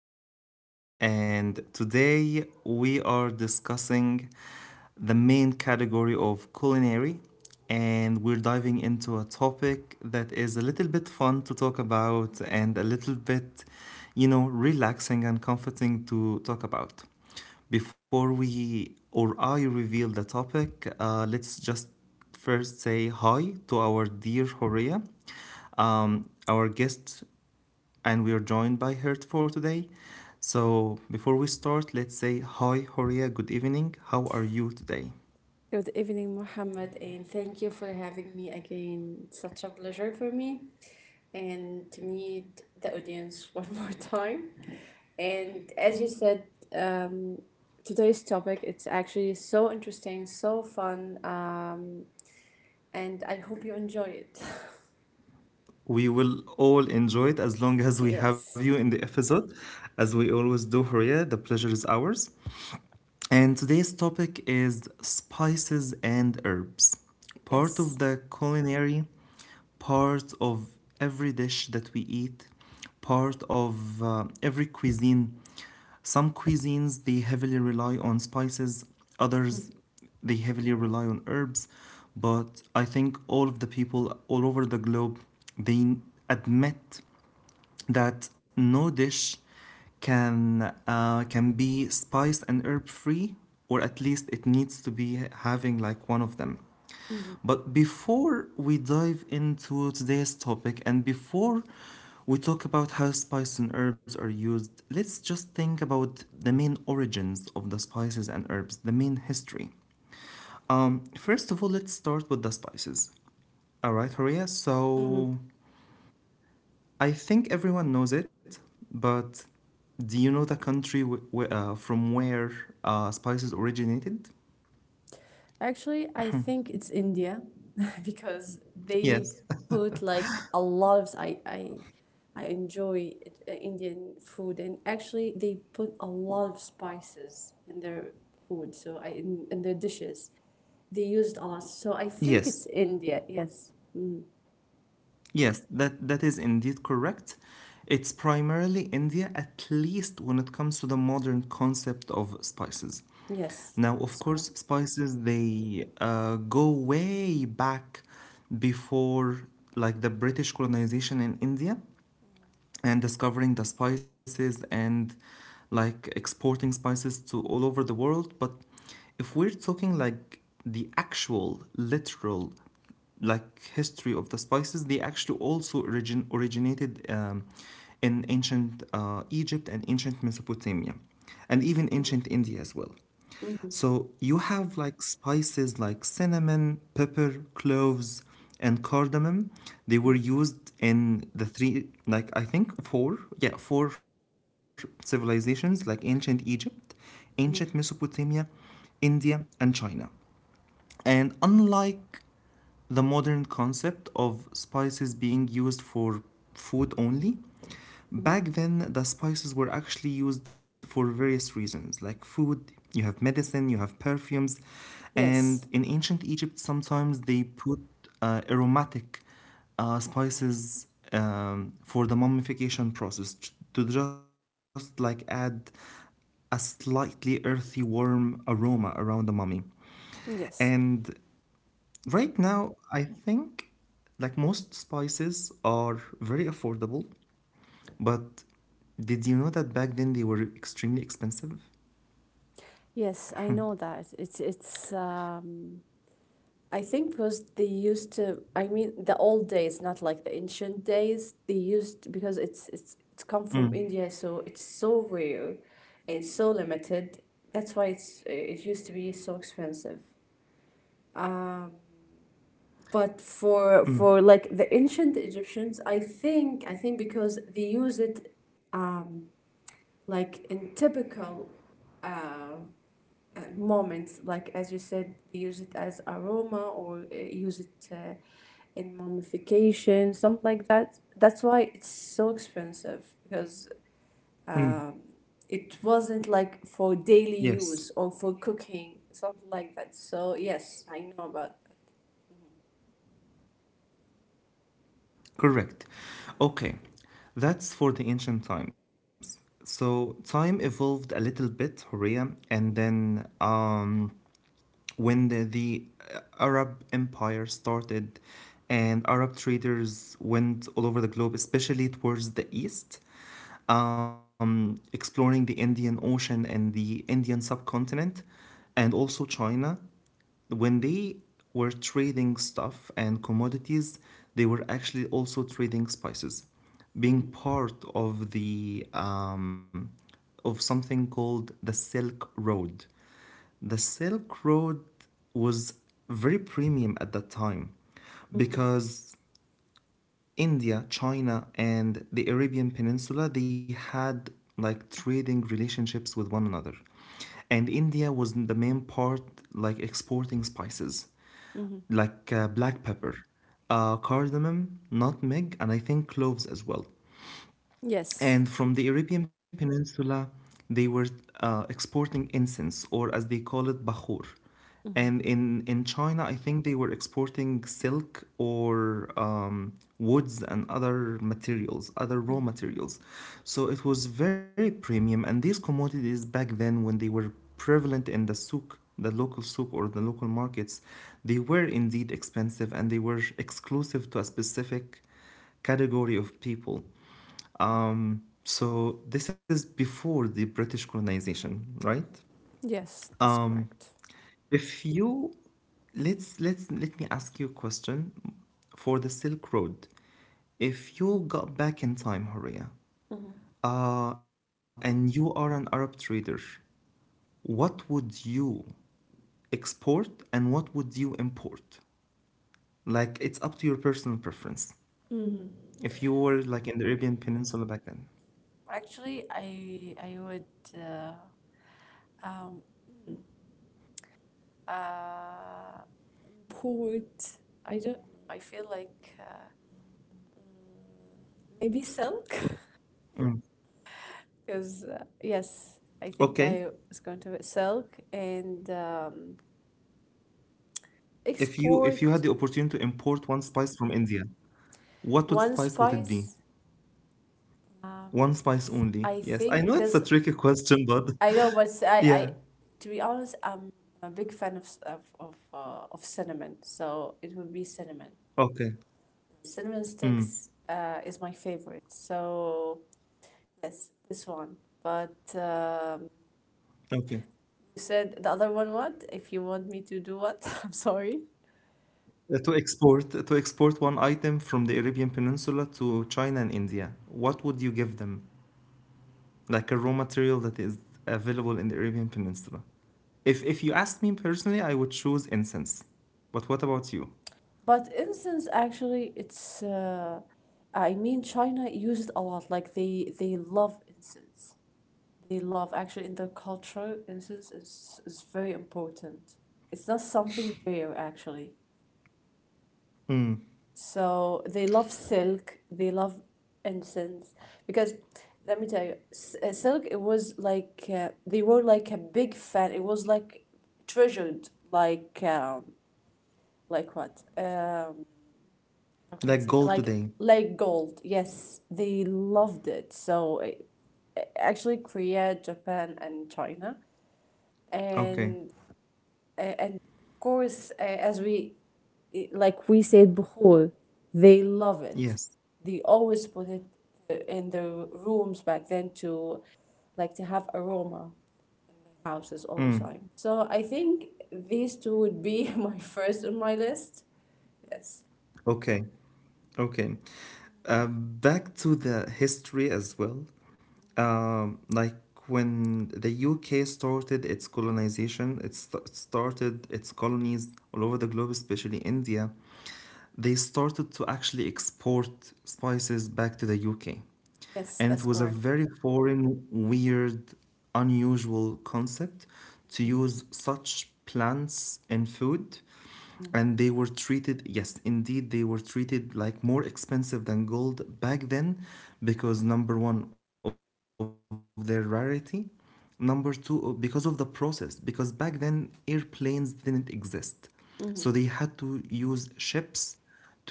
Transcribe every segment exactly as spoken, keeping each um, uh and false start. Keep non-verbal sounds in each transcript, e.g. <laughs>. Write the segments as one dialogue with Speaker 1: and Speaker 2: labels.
Speaker 1: is Muhammad, and today we are discussing the main category of culinary, and we're diving into a topic that is a little bit fun to talk about and a little bit, you know, relaxing and comforting to talk about. Before we or I reveal the topic, uh, let's just first say hi to our dear Horia, um, our guest and we are joined by Hert for today. So, before we start, let's say hi, Horia, good evening. How are you today?
Speaker 2: Good evening, Mohammed, and thank you for having me again. It's such a pleasure for me and to meet the audience <laughs> one more time. And as you said, um, today's topic it's actually so interesting, so fun, um, and I hope you enjoy it.
Speaker 1: We will all enjoy it as long as
Speaker 2: <laughs>
Speaker 1: we have you
Speaker 2: Yes,
Speaker 1: in the episode. As we always do, Horia, the pleasure is ours. And today's topic is spices and herbs, part of
Speaker 2: yes.
Speaker 1: the culinary, part of every dish that we eat, part of uh, every cuisine. Some cuisines they heavily rely on spices, others they heavily rely on herbs, but I think all of the people all over the globe they admit that no dish can uh, can be spice and herb free, or at least it needs to be having like one of them. But before we dive into today's topic and before we talk about how spices and herbs are used, let's just think about the main origins of the spices and herbs, the main history. Um, first of all, let's start with the spices. All right, Horia. So I think everyone knows it, but do you know the country w- w- uh, from where uh, spices originated?
Speaker 2: Actually, I think it's India <laughs> because they
Speaker 1: Yes. <laughs>
Speaker 2: put like a lot of I I I enjoy it- uh, Indian food and actually they put a lot of spices in their food so I in, in their dishes. They used a lot. So I think
Speaker 1: Yes.
Speaker 2: it's India. Yes. Mm.
Speaker 1: Yes, that, that is indeed correct. It's primarily India, at least when it comes to the modern concept of spices.
Speaker 2: Yes,
Speaker 1: Now, of
Speaker 2: that's
Speaker 1: course,
Speaker 2: correct.
Speaker 1: spices they uh, go way back before like the British colonization in India, and discovering the spices and like exporting spices to all over the world. But if we're talking like the actual literal like history of the spices, they actually also origin originated um, in ancient uh, Egypt and ancient Mesopotamia, and even ancient India as well. So you have like spices like cinnamon, pepper, cloves, and cardamom. They were used in the three, like I think four, yeah, four civilizations like ancient Egypt, ancient
Speaker 2: Mhm.
Speaker 1: Mesopotamia, India, and China. And unlike the modern concept of spices being used for food only.
Speaker 2: Mhm.
Speaker 1: Back then, the spices were actually used for various reasons, like food, you have medicine, you have perfumes, and
Speaker 2: Yes.
Speaker 1: in ancient Egypt, sometimes they put uh, aromatic uh, spices um, for the mummification process t- to just like add a slightly earthy, warm aroma around the mummy.
Speaker 2: Yes.
Speaker 1: And right now, I think like most spices are very affordable, but did you know that back then they were extremely expensive?
Speaker 2: Yes, I know that. It's it's um, I think because they used to, I mean, the old days, not like the ancient days. They used because it's it's it's come from
Speaker 1: Mm.
Speaker 2: India, so it's so rare, and so limited. That's why it's it used to be so expensive. Um, but for for
Speaker 1: Mm,
Speaker 2: like the ancient Egyptians, I think I think because they use it, um, like in typical uh, uh, moments, like as you said, they use it as aroma or uh, use it. Uh, in mummification, something like that. That's why it's so expensive because
Speaker 1: mm.
Speaker 2: um, it wasn't like for daily
Speaker 1: Yes,
Speaker 2: use or for cooking, something like that. So yes, I know about that.
Speaker 1: correct. Okay, that's for the ancient times. So time evolved a little bit, Horea, and then um, when the, the uh, Arab Empire started and Arab traders went all over the globe, especially towards the east, um, exploring the Indian Ocean and the Indian subcontinent, and also China. When they were trading stuff and commodities, they were actually also trading spices, being part of the um, of something called the Silk Road. The Silk Road was very premium at that time
Speaker 2: Mm-hmm.
Speaker 1: because India, China, and the Arabian Peninsula they had like trading relationships with one another. And India was the main part like exporting spices
Speaker 2: Mm-hmm.
Speaker 1: like uh, black pepper, uh, cardamom, nutmeg, and I think cloves as well.
Speaker 2: Yes.
Speaker 1: And from the Arabian Peninsula, they were uh, exporting incense, or as they call it, bahur.
Speaker 2: Mm-hmm.
Speaker 1: And in, in China, I think they were exporting silk or um, woods and other materials, other raw
Speaker 2: Mm.
Speaker 1: materials. So it was very premium. And these commodities back then, when they were prevalent in the souk, the local souk or the local markets, they were indeed expensive and they were exclusive to a specific category of people. Um, so this is before the British colonization, right?
Speaker 2: Yes, that's
Speaker 1: Um,
Speaker 2: correct.
Speaker 1: if you let's let's let me ask you a question for the Silk Road. If you got back in time, Horia,
Speaker 2: Mm-hmm.
Speaker 1: uh, and you are an Arab trader, what would you export and what would you import? Like it's up to your personal preference.
Speaker 2: Mm-hmm.
Speaker 1: If you were like in the Arabian Peninsula back then.
Speaker 2: Actually, I I would uh, um uh put I don't know. I feel like uh, maybe silk
Speaker 1: Mm.
Speaker 2: Because, uh,
Speaker 1: Okay.
Speaker 2: yes, I think I was going to sell and um,
Speaker 1: If you if you had the
Speaker 2: export
Speaker 1: opportunity to import one spice from India, what would spice
Speaker 2: one
Speaker 1: would it be?
Speaker 2: spice. Uh,
Speaker 1: One spice only.
Speaker 2: I
Speaker 1: Yes, I
Speaker 2: think
Speaker 1: know it's a
Speaker 2: because
Speaker 1: tricky question, but
Speaker 2: I know, but I,
Speaker 1: <laughs>
Speaker 2: I,
Speaker 1: yeah.
Speaker 2: to be honest, I'm a big fan of s- of of, uh, of cinnamon. So it would be cinnamon.
Speaker 1: Okay.
Speaker 2: Cinnamon
Speaker 1: Mm.
Speaker 2: sticks uh, is my favorite. So yes, this one. But um,
Speaker 1: Okay.
Speaker 2: you said the other one. What if you want me to do what? <laughs> I'm sorry.
Speaker 1: Uh, To export to export one item from the Arabian Peninsula to China and India, what would you give them? Like a raw material that is available in the Arabian Peninsula. If if you asked me personally, I would choose incense. But what about you?
Speaker 2: But incense actually it's uh, I mean China use it a lot. Like they they love incense. They love actually in their culture incense is is very important. It's not something rare actually.
Speaker 1: Mm.
Speaker 2: So they love silk, they love incense because let me tell you s- uh, silk it was like uh, they were like a big fan. It was like treasured like um, like what? Um Okay, I
Speaker 1: Like
Speaker 2: see
Speaker 1: gold
Speaker 2: Like
Speaker 1: today.
Speaker 2: like gold. Yes, they loved it. So uh, uh, actually Korea, Japan and China
Speaker 1: Okay.
Speaker 2: and uh, and of course uh, as we uh, like we said before, they love it.
Speaker 1: Yes.
Speaker 2: They always put it uh, in their rooms back then to like to have aroma houses all the
Speaker 1: Mm.
Speaker 2: time. So I think these two would be <laughs> my first on my list. Yes.
Speaker 1: Okay, okay. Uh, back to the history as well. Um, like when the U K started its colonization, it st- started its colonies all over the globe, especially India, they started to actually export spices back to the U K.
Speaker 2: Yes,
Speaker 1: And it
Speaker 2: that's
Speaker 1: was a
Speaker 2: correct.
Speaker 1: very foreign, weird, unusual concept to use such plants in food. And they were treated, yes, indeed, they were treated like more expensive than gold back then, because number one, of their rarity. Number two, because of the process, because back then airplanes didn't exist. So
Speaker 2: Mm-hmm.
Speaker 1: they had to use ships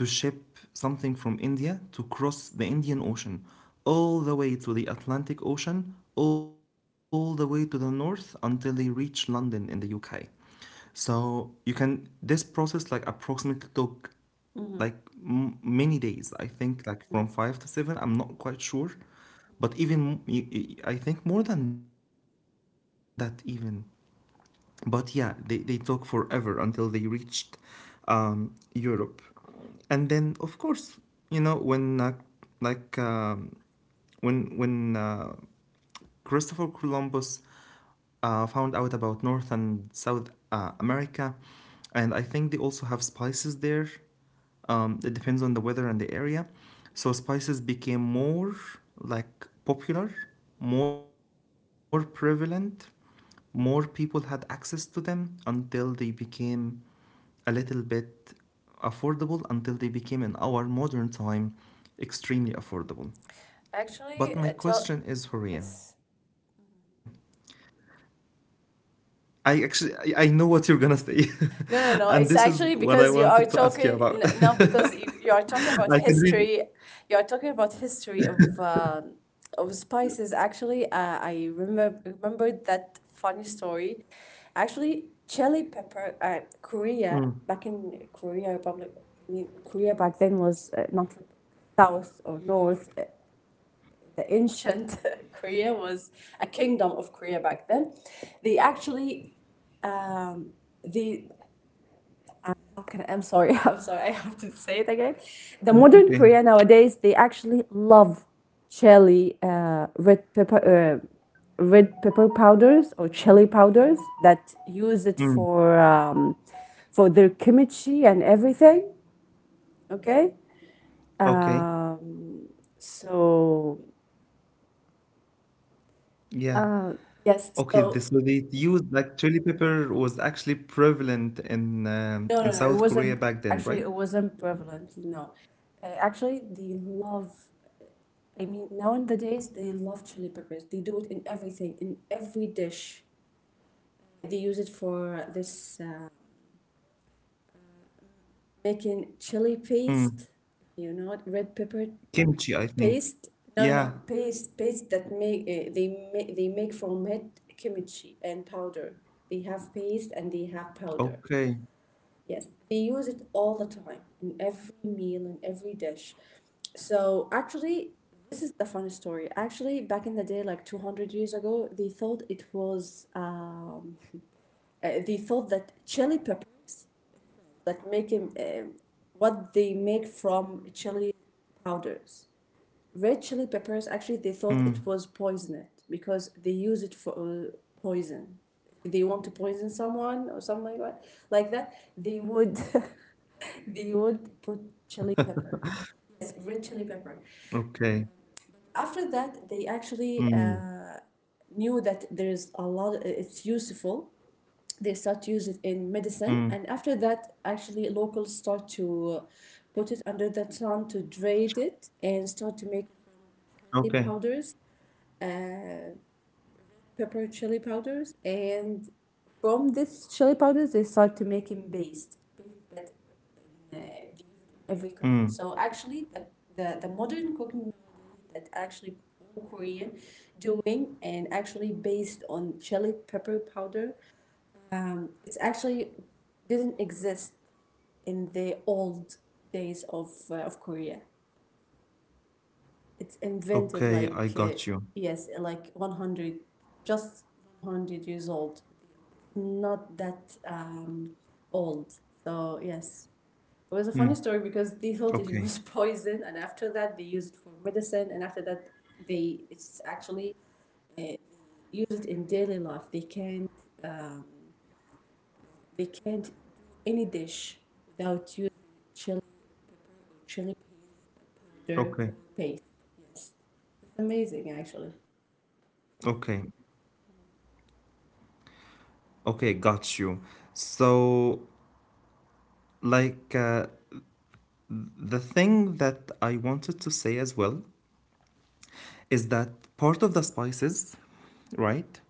Speaker 1: to ship something from India to cross the Indian Ocean all the way to the Atlantic Ocean, all the way to the north until they reach London in the U K. So you can this process like approximately took
Speaker 2: Mm-hmm.
Speaker 1: like m- many days. I think like from five to seven. I'm not quite sure, but even m- y- y- I think more than that even. But yeah, they, they talk forever until they reached um, Europe. And then of course, you know when uh, like um, when when uh, Christopher Columbus uh, found out about north and south uh, America, and I think they also have spices there. Um, it depends on the weather and the area. So spices became more like popular, more prevalent, more people had access to them until they became a little bit affordable, until they became, in our modern time, extremely affordable.
Speaker 2: Actually,
Speaker 1: But
Speaker 2: I
Speaker 1: my
Speaker 2: talk.
Speaker 1: question is, Horia,
Speaker 2: Yes.
Speaker 1: I actually I- know what you're gonna say, <laughs> and this is
Speaker 2: No,
Speaker 1: what
Speaker 2: no,
Speaker 1: I
Speaker 2: no. It's
Speaker 1: wanted to ask
Speaker 2: actually
Speaker 1: you
Speaker 2: because
Speaker 1: about. <laughs>
Speaker 2: you are talking n- now because
Speaker 1: I
Speaker 2: you,
Speaker 1: can
Speaker 2: you
Speaker 1: read.
Speaker 2: are talking about history. You are talking about history of uh, of spices. Actually, uh, I remember remembered that funny story. Actually, chili pepper. Uh,
Speaker 1: Mm.
Speaker 2: Korea, back in Korea Republic. I mean, Korea back then was uh, not south or north. Uh, the ancient <laughs> Korea was a kingdom of Korea back then. They actually, um, they okay, I'm sorry, <laughs> I'm sorry, I have to say it again. The modern Korea
Speaker 1: Okay.
Speaker 2: nowadays they actually love chili, uh, red pepper, uh, red pepper powders or chili powders that use it
Speaker 1: Mm.
Speaker 2: for um, for their kimchi and everything. Okay.
Speaker 1: Okay.
Speaker 2: Um, so
Speaker 1: Yeah.
Speaker 2: uh, yes,
Speaker 1: Okay,
Speaker 2: so
Speaker 1: this, so they used like chili pepper was actually prevalent in um,
Speaker 2: No, no,
Speaker 1: in
Speaker 2: no. It
Speaker 1: South
Speaker 2: wasn't.
Speaker 1: Korea back then,
Speaker 2: Actually,
Speaker 1: right?
Speaker 2: it wasn't prevalent. No, uh, actually, they love. I mean, nowadays they love chili peppers. They do it in everything, in every dish. They use it for this uh, making chili
Speaker 1: Mm.
Speaker 2: paste. You know what? Red pepper
Speaker 1: Kimchi, I think.
Speaker 2: paste. No,
Speaker 1: Yeah.
Speaker 2: no, paste, paste that make uh, they make they make from it kimchi and powder. They have paste and they have powder.
Speaker 1: Okay.
Speaker 2: Yes, they use it all the time in every meal and every dish. So actually, this is the funny story. Actually, back in the day, like two hundred years ago, they thought it was um, uh, they thought that chili peppers that make him um what they make from chili powders, red chili peppers. Actually, they thought it
Speaker 1: Mm.
Speaker 2: was poisoned because they use it for uh, poison. If they want to poison someone or something like that, like that, they would. <laughs> They would put chili pepper. Yes, red chili pepper.
Speaker 1: Okay.
Speaker 2: After that, they actually
Speaker 1: Mm.
Speaker 2: uh, knew that there's a lot, it's useful. They start to use it in
Speaker 1: Mm.
Speaker 2: medicine. And after that, actually, locals start to put it under the sun to grate it and start to make chili
Speaker 1: Okay.
Speaker 2: powders, uh, pepper chili powders. And from this chili powders, they start to make paste. Paste that uh, every cooking.
Speaker 1: Mm.
Speaker 2: So actually, the, the, the modern cooking that actually all Korean doing and actually based on chili pepper powder. Um, it's actually didn't exist in the old days of uh, of Korea. It's invented
Speaker 1: Okay, I
Speaker 2: like uh,
Speaker 1: got you.
Speaker 2: yes, like one hundred, just one hundred years old. Not that um, old. So yes. It was a funny
Speaker 1: Mm.
Speaker 2: story because they thought it
Speaker 1: Okay.
Speaker 2: was poison, and after that they used it for medicine, and after that they it's actually uh, used in daily life. They can't um, they can't do any dish without using chili or chili powder or
Speaker 1: Okay.
Speaker 2: paste. It's, it's amazing actually.
Speaker 1: Okay. Okay, got you. So, like, uh, the thing that I wanted to say as well is that part of the spices, right?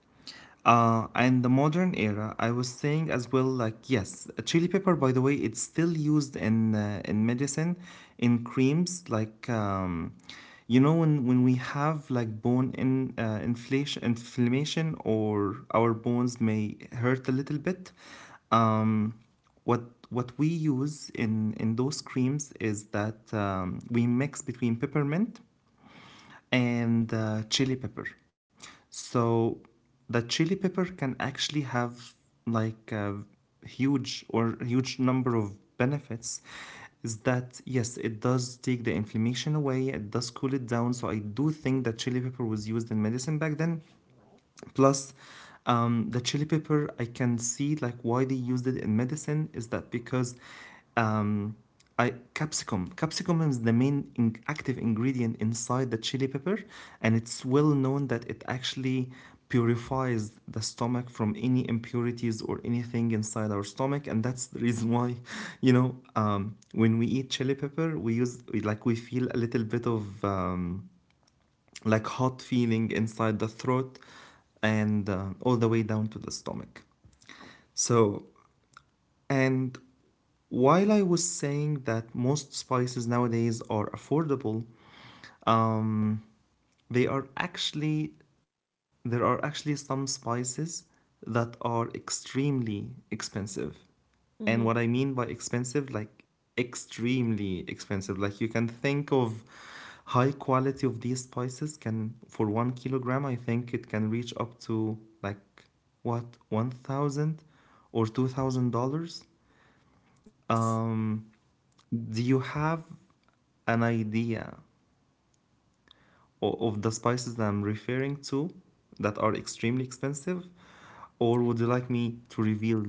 Speaker 1: Uh, and the modern era, I was saying as well, like yes, chili pepper. By the way, it's still used in uh, in medicine, in creams. Like um, you know, when when we have like bone in uh, inflation, inflammation, or our bones may hurt a little bit. Um, what what we use in in those creams is that um, we mix between peppermint and uh, chili pepper. So the chili pepper can actually have like a huge or huge number of benefits, is that yes it does take the inflammation away, it does cool it down. So I do think that chili pepper was used in medicine back then. Plus, um, the chili pepper, I can see like why they used it in medicine is that because um, I capsicum capsicum is the main in, active ingredient inside the chili pepper, and it's well known that it actually purifies the stomach from any impurities or anything inside our stomach. And that's the reason why <laughs> you know um, when we eat chili pepper we use like we feel a little bit of um, like hot feeling inside the throat and uh, all the way down to the stomach. So, and while I was saying that most spices nowadays are affordable, um, they are actually there are actually some spices that are extremely expensive. And what
Speaker 2: Mm-hmm.
Speaker 1: I mean by expensive, like extremely expensive. Like you can think of high quality of these spices can for one kilogram, I think it can reach up to like what one thousand dollars or two thousand dollars.
Speaker 2: Yes.
Speaker 1: Um, do you have an idea of the spices that I'm referring to that are extremely expensive? Or would you like me to reveal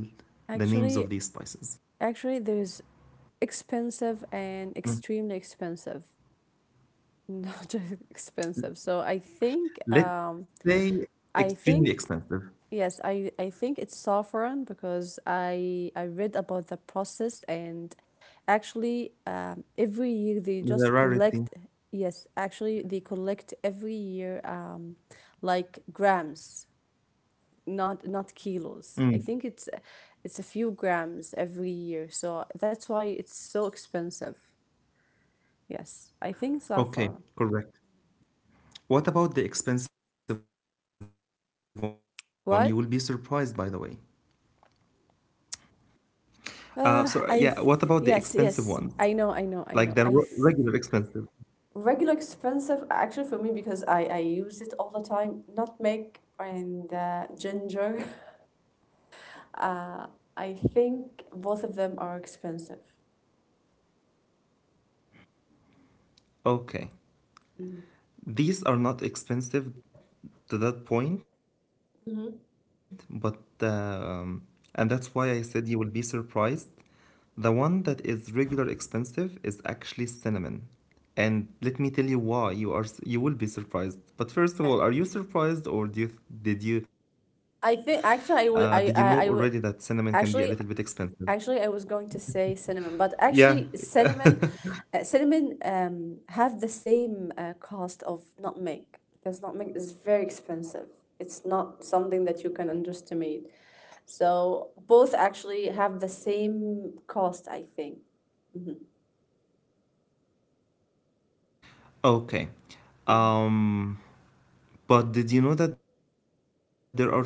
Speaker 1: the names
Speaker 2: Actually,
Speaker 1: of these spices?
Speaker 2: actually, there's expensive and extremely expensive, <laughs> not just expensive. So I think,
Speaker 1: Let's
Speaker 2: um,
Speaker 1: say
Speaker 2: I
Speaker 1: extremely
Speaker 2: think,
Speaker 1: expensive,
Speaker 2: yes, I, I think it's saffron because I I read about the process and actually um, every year they
Speaker 1: the
Speaker 2: just collect,
Speaker 1: rarity.
Speaker 2: yes actually they collect every year um, like grams, not not kilos, I
Speaker 1: Mm.
Speaker 2: think it's it's a few grams every year, so that's why it's so expensive, yes I think
Speaker 1: Okay,
Speaker 2: saffron.
Speaker 1: correct. What about the expensive one? You will be surprised, by the way.
Speaker 2: What?
Speaker 1: Uh, so yeah, what about the expensive ones?
Speaker 2: uh I th-
Speaker 1: Like the re-
Speaker 2: yes, yes
Speaker 1: regular
Speaker 2: I know,
Speaker 1: expensive.
Speaker 2: I know I know I regular expensive actually for me because I, I use it all the time, nutmeg and uh, ginger. <laughs> uh, I think both of them are expensive.
Speaker 1: Okay. These are not expensive to that point, but um, and that's why I said you will be surprised. The one that is regular expensive is actually cinnamon. And let me tell you why you are you will be surprised. But first of all, are you surprised or
Speaker 2: Okay,
Speaker 1: do you did you uh, did you know already
Speaker 2: I
Speaker 1: that
Speaker 2: think
Speaker 1: cinnamon can
Speaker 2: actually I
Speaker 1: be a
Speaker 2: would
Speaker 1: little bit
Speaker 2: I I, I
Speaker 1: expensive?
Speaker 2: would actually Actually, I was
Speaker 1: Yeah.
Speaker 2: going to say
Speaker 1: <laughs>
Speaker 2: cinnamon, but actually cinnamon uh, cinnamon um have the same uh, cost of nutmeg because nutmeg is very expensive. It's not something that you can underestimate. So both actually have the same cost, I think. Mhm.
Speaker 1: Okay.
Speaker 2: Mhm.
Speaker 1: Um, but did you know that there are two types of cinnamon?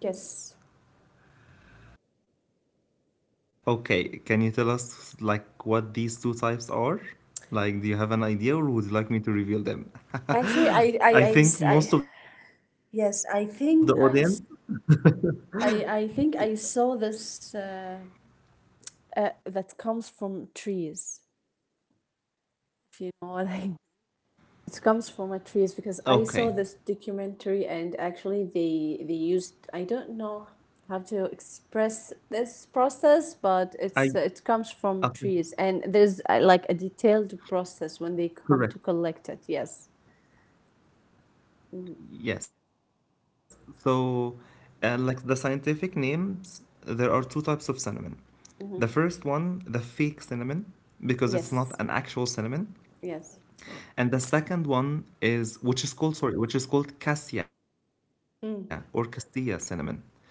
Speaker 2: Yes.
Speaker 1: Okay, can you tell us like what these two types are? Like, do you have an idea or would you like me to reveal them?
Speaker 2: Actually,
Speaker 1: <laughs>
Speaker 2: I, I,
Speaker 1: I
Speaker 2: I, s-
Speaker 1: think
Speaker 2: I-
Speaker 1: most of the audience.
Speaker 2: yes, I think I, s- I, I think I saw this uh, uh, that comes from trees, if you know what I It comes from a trees because I saw this
Speaker 1: Okay.
Speaker 2: documentary and actually they they used, I don't know how to express this process, but
Speaker 1: I
Speaker 2: it's it comes from
Speaker 1: okay,
Speaker 2: trees and there's uh, like a detailed process when they come to
Speaker 1: correct.
Speaker 2: collect it. Yes. Hmm.
Speaker 1: Yes. So, uh, like the scientific names, there are two types of cinnamon.
Speaker 2: Hmm.
Speaker 1: The first one, the fake cinnamon,
Speaker 2: Yes.
Speaker 1: because it's not an actual cinnamon,
Speaker 2: Yes.
Speaker 1: and the second one is which is called sorry, which is called cassia or
Speaker 2: Mm.
Speaker 1: castilla cinnamon.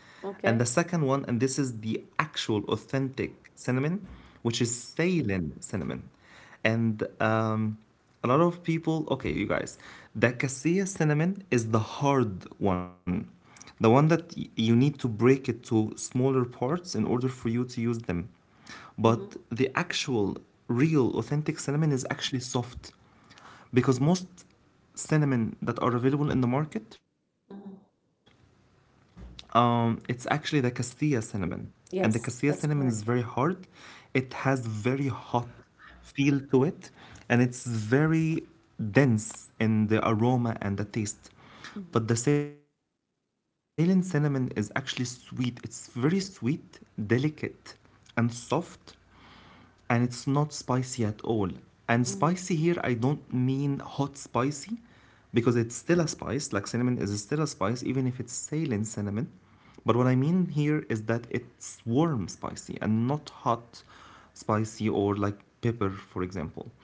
Speaker 1: And the second
Speaker 2: Okay.
Speaker 1: one, and this is the actual authentic cinnamon, which is Ceylon cinnamon. And um, a lot of people, okay, you guys, the cassia cinnamon is the hard one, the one that y- you need to break it to smaller parts in order for you to use them.
Speaker 2: Hmm.
Speaker 1: But the actual, real, authentic cinnamon is actually soft because most cinnamon that are available in the market um, it's actually the Castilla cinnamon, and the
Speaker 2: Yes,
Speaker 1: Castilla cinnamon
Speaker 2: that's
Speaker 1: is very
Speaker 2: correct.
Speaker 1: hard. It has very hot feel to it, and it's very dense in the aroma and the taste.
Speaker 2: Hmm.
Speaker 1: But the Ceylon cinnamon is actually sweet. It's very sweet, delicate, and soft, and it's not spicy at all. And spicy here,
Speaker 2: Hmm.
Speaker 1: I don't mean hot spicy because it's still a spice, like cinnamon is still a spice, even if it's saline cinnamon. But what I mean here is that it's warm spicy and not hot spicy or like pepper, for example.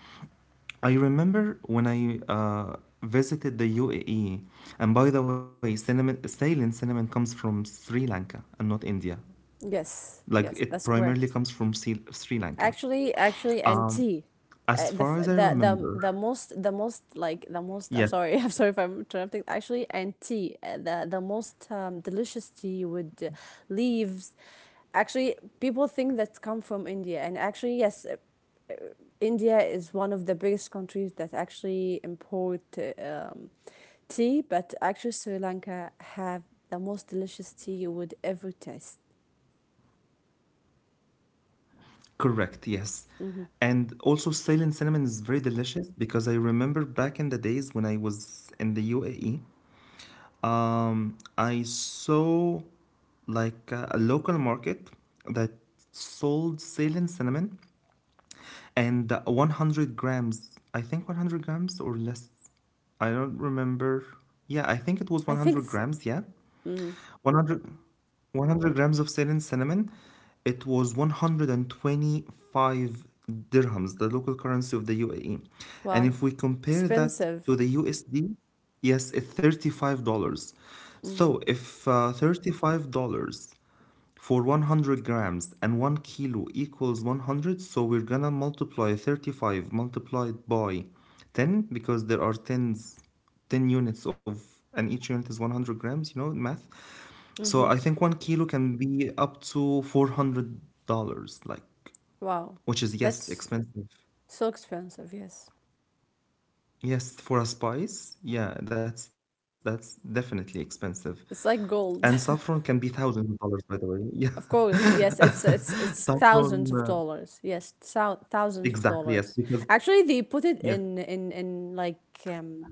Speaker 1: I remember when I uh, visited the U A E, and by the way, cinnamon, Ceylon cinnamon comes from Sri Lanka and not India.
Speaker 2: Yes. Yes,
Speaker 1: Like
Speaker 2: that's
Speaker 1: it
Speaker 2: correct.
Speaker 1: primarily comes from Sri Lanka.
Speaker 2: Actually, actually, and tea.
Speaker 1: Um,
Speaker 2: Uh, the f-
Speaker 1: as
Speaker 2: the
Speaker 1: far as I
Speaker 2: the the most
Speaker 1: remember,
Speaker 2: the most like the most, I'm sorry, <laughs> I'm
Speaker 1: yes,
Speaker 2: sorry if I'm interrupting, actually and tea, uh, the the most um, delicious tea with uh, leaves, actually people think that come from India and actually yes, uh, India is one of the biggest countries that actually import uh, um, tea, but actually Sri Lanka have the most delicious tea you would ever taste.
Speaker 1: correct, yes. And also, silent cinnamon is very delicious because I remember back in the days when I was in the U A E, um, I saw like a, a local market that sold silent cinnamon and uh, one hundred grams, I think one hundred grams or less. I don't remember. Yeah, I think it was
Speaker 2: I think
Speaker 1: one hundred
Speaker 2: it's
Speaker 1: grams, yeah.
Speaker 2: mm,
Speaker 1: One hundred, one hundred grams of salt and cinnamon. It was one hundred twenty-five dirhams, the local currency of the U A E. And
Speaker 2: wow,
Speaker 1: if we compare that to
Speaker 2: expensive.
Speaker 1: the U S D, yes, it's thirty-five dollars.
Speaker 2: Mm-hmm.
Speaker 1: So if uh, thirty-five dollars for one hundred grams and one kilo equals one hundred, so we're gonna multiply thirty-five multiplied by ten because there are tens, ten units of, and each unit is one hundred grams, you know math.
Speaker 2: Mm-hmm.
Speaker 1: So I think one kilo can be up to four hundred dollars, like,
Speaker 2: Wow.
Speaker 1: which is yes
Speaker 2: That's
Speaker 1: expensive.
Speaker 2: so expensive, yes.
Speaker 1: Yes, for a spice, yeah, that's that's definitely expensive.
Speaker 2: It's
Speaker 1: And
Speaker 2: like
Speaker 1: saffron
Speaker 2: gold.
Speaker 1: can be
Speaker 2: <laughs>
Speaker 1: thousands of dollars by the way, yeah.
Speaker 2: Of course, yes, it's it's
Speaker 1: <laughs>
Speaker 2: it's
Speaker 1: Saffron
Speaker 2: thousands
Speaker 1: uh,
Speaker 2: of dollars. Yes, thou thousands of
Speaker 1: exactly, yes,
Speaker 2: dollars.
Speaker 1: because
Speaker 2: Actually, they put it
Speaker 1: yes,
Speaker 2: in in in like um,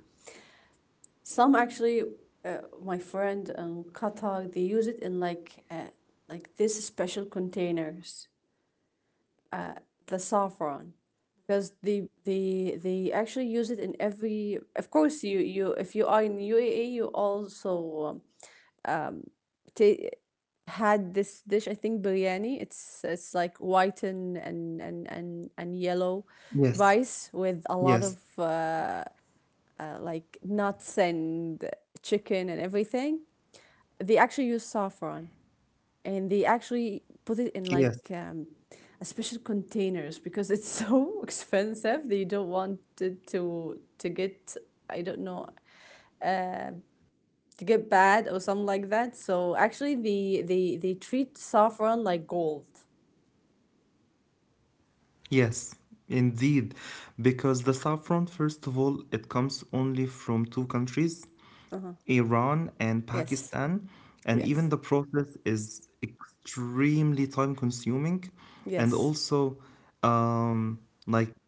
Speaker 2: some actually, uh, my friend in Qatar, they use it in like uh, like this special containers, the saffron, because they they they actually use it in every, of course you, you if you are in U A E you also um, ta- had this dish, I think biryani, it's it's like white and and and and, and yellow
Speaker 1: yes,
Speaker 2: rice with a lot of
Speaker 1: yes,
Speaker 2: uh, like nuts and chicken and everything, they actually use saffron and they actually put it in like
Speaker 1: yes,
Speaker 2: um, a special containers because it's so <laughs> expensive, they don't want it to to get, I don't know, to get bad or something like that, so actually they they they treat saffron like gold.
Speaker 1: yes, indeed. Because the saffron, first of all, it comes only from two countries,
Speaker 2: Uh-huh.
Speaker 1: Iran and
Speaker 2: Yes.
Speaker 1: Pakistan. And even
Speaker 2: Yes.
Speaker 1: the process is extremely time consuming. And
Speaker 2: Yes.
Speaker 1: also, um, like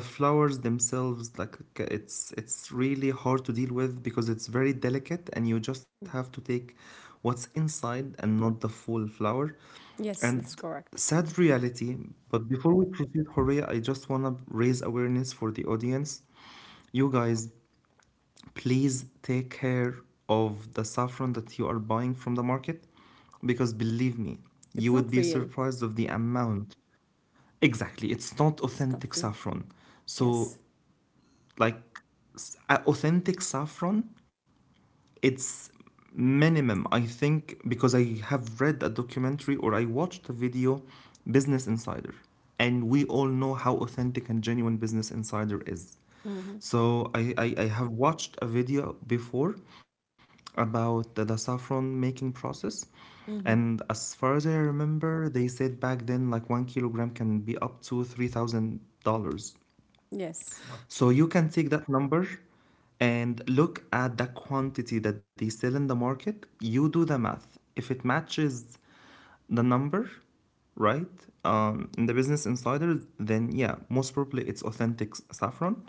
Speaker 1: the flowers themselves, like c- it's it's really hard to deal with because it's very delicate, and you just have to take what's inside and not the full flower.
Speaker 2: Yes, that's
Speaker 1: And
Speaker 2: correct.
Speaker 1: sad reality, but before we proceed, Horea, I just want to raise awareness for the audience. You guys, please take care of the saffron that you are buying from the market because believe me
Speaker 2: It's not
Speaker 1: you would be
Speaker 2: real.
Speaker 1: surprised of the amount. Exactly, it's not
Speaker 2: It's not
Speaker 1: authentic
Speaker 2: real.
Speaker 1: saffron.
Speaker 2: Yes.
Speaker 1: So like s- a- authentic saffron, it's minimum I think because I have read a documentary or I watched a video, Business Insider, and we all know how authentic and genuine Business Insider is.
Speaker 2: Mm-hmm.
Speaker 1: So i i, I have watched a video before about the, the saffron making process,
Speaker 2: Mm-hmm.
Speaker 1: and as far as I remember they said back then like one kilogram can be up to three thousand dollars.
Speaker 2: Yes.
Speaker 1: So you can take that number and look at the quantity that they sell in the market. You do the math. If it matches the number, right, um, in the Business Insider, then yeah, most probably it's authentic saffron.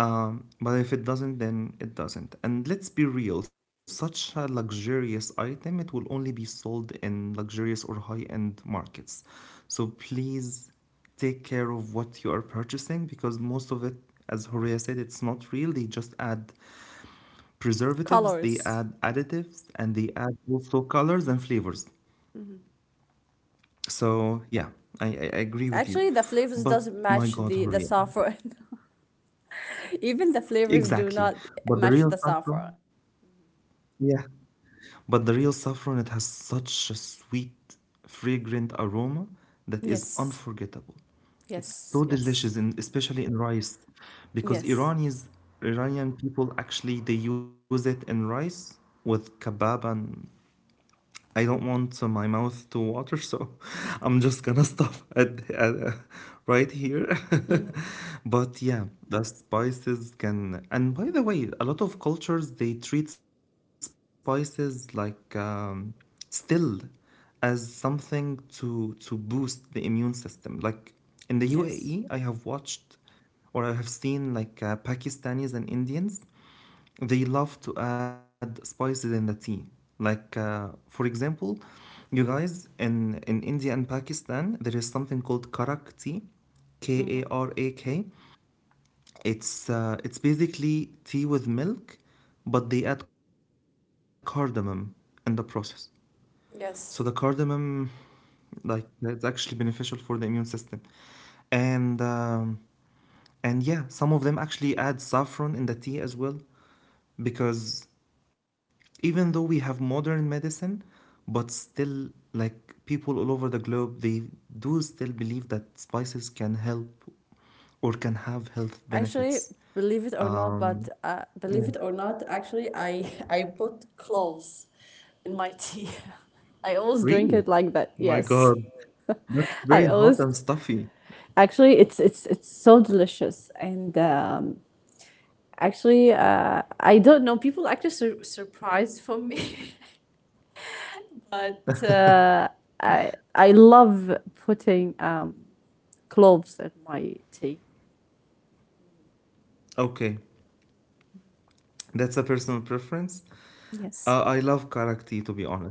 Speaker 1: Um, but if it doesn't, then it doesn't. And let's be real, such a luxurious item, it will only be sold in luxurious or high end markets. So please take care of what you are purchasing because most of it, as Horea said, it's not real. They just add preservatives, they
Speaker 2: Colors.
Speaker 1: add additives, and they add also colors and flavors. So yeah, I, I I agree with you.
Speaker 2: Actually, the flavors
Speaker 1: But
Speaker 2: doesn't
Speaker 1: my
Speaker 2: match
Speaker 1: God,
Speaker 2: the the
Speaker 1: Horea.
Speaker 2: saffron. <laughs> Even the flavors do
Speaker 1: Exactly.
Speaker 2: not
Speaker 1: But the
Speaker 2: match
Speaker 1: real
Speaker 2: the
Speaker 1: stuff, bro,
Speaker 2: saffron.
Speaker 1: yeah. But the real saffron, it has such a sweet, fragrant aroma that is
Speaker 2: Yes.
Speaker 1: unforgettable. It's
Speaker 2: Yes.
Speaker 1: so
Speaker 2: Yes.
Speaker 1: delicious, in, especially in rice, because
Speaker 2: Yes.
Speaker 1: Iranians, Iranian people actually they use it in rice with kebab and I don't want uh, my mouth to water, <laughs> so I'm just gonna stop at, at uh, right here. <laughs> But yeah, the spices can. And by the way, a lot of cultures they treat spices like um, still as something to to boost the immune system. Like in the U A E,
Speaker 2: Yes.
Speaker 1: I have watched or I have seen like uh, Pakistanis and Indians they love to add spices in the tea. Like, uh, for example, you guys in in India and Pakistan, there is something called karak tea, K A
Speaker 2: Mm-hmm.
Speaker 1: R A K. It's uh, it's basically tea with milk, but they add cardamom in the process. So the
Speaker 2: Yes.
Speaker 1: cardamom, like, it's actually beneficial for the immune system, and um, and yeah, some of them actually add saffron in the tea as well because even though we have modern medicine but still like people all over the globe they do still believe that spices can help or can have health
Speaker 2: Actually,
Speaker 1: benefits.
Speaker 2: believe it or not,
Speaker 1: um
Speaker 2: but uh,
Speaker 1: yeah,
Speaker 2: believe it or not, actually, I <laughs> I put cloves in my tea. <laughs> I always drink
Speaker 1: really,
Speaker 2: it like that.
Speaker 1: my
Speaker 2: Yes,
Speaker 1: god, that's
Speaker 2: <laughs> I
Speaker 1: very hot
Speaker 2: always.
Speaker 1: and stuffy.
Speaker 2: Actually, it's it's it's so delicious, and um, actually, uh, I don't know. People actually sur- surprised for me, <laughs> but uh, I I love putting um, cloves in my tea.
Speaker 1: Okay, that's a personal preference. uh,
Speaker 2: Yes.
Speaker 1: I love karak tea to be honest,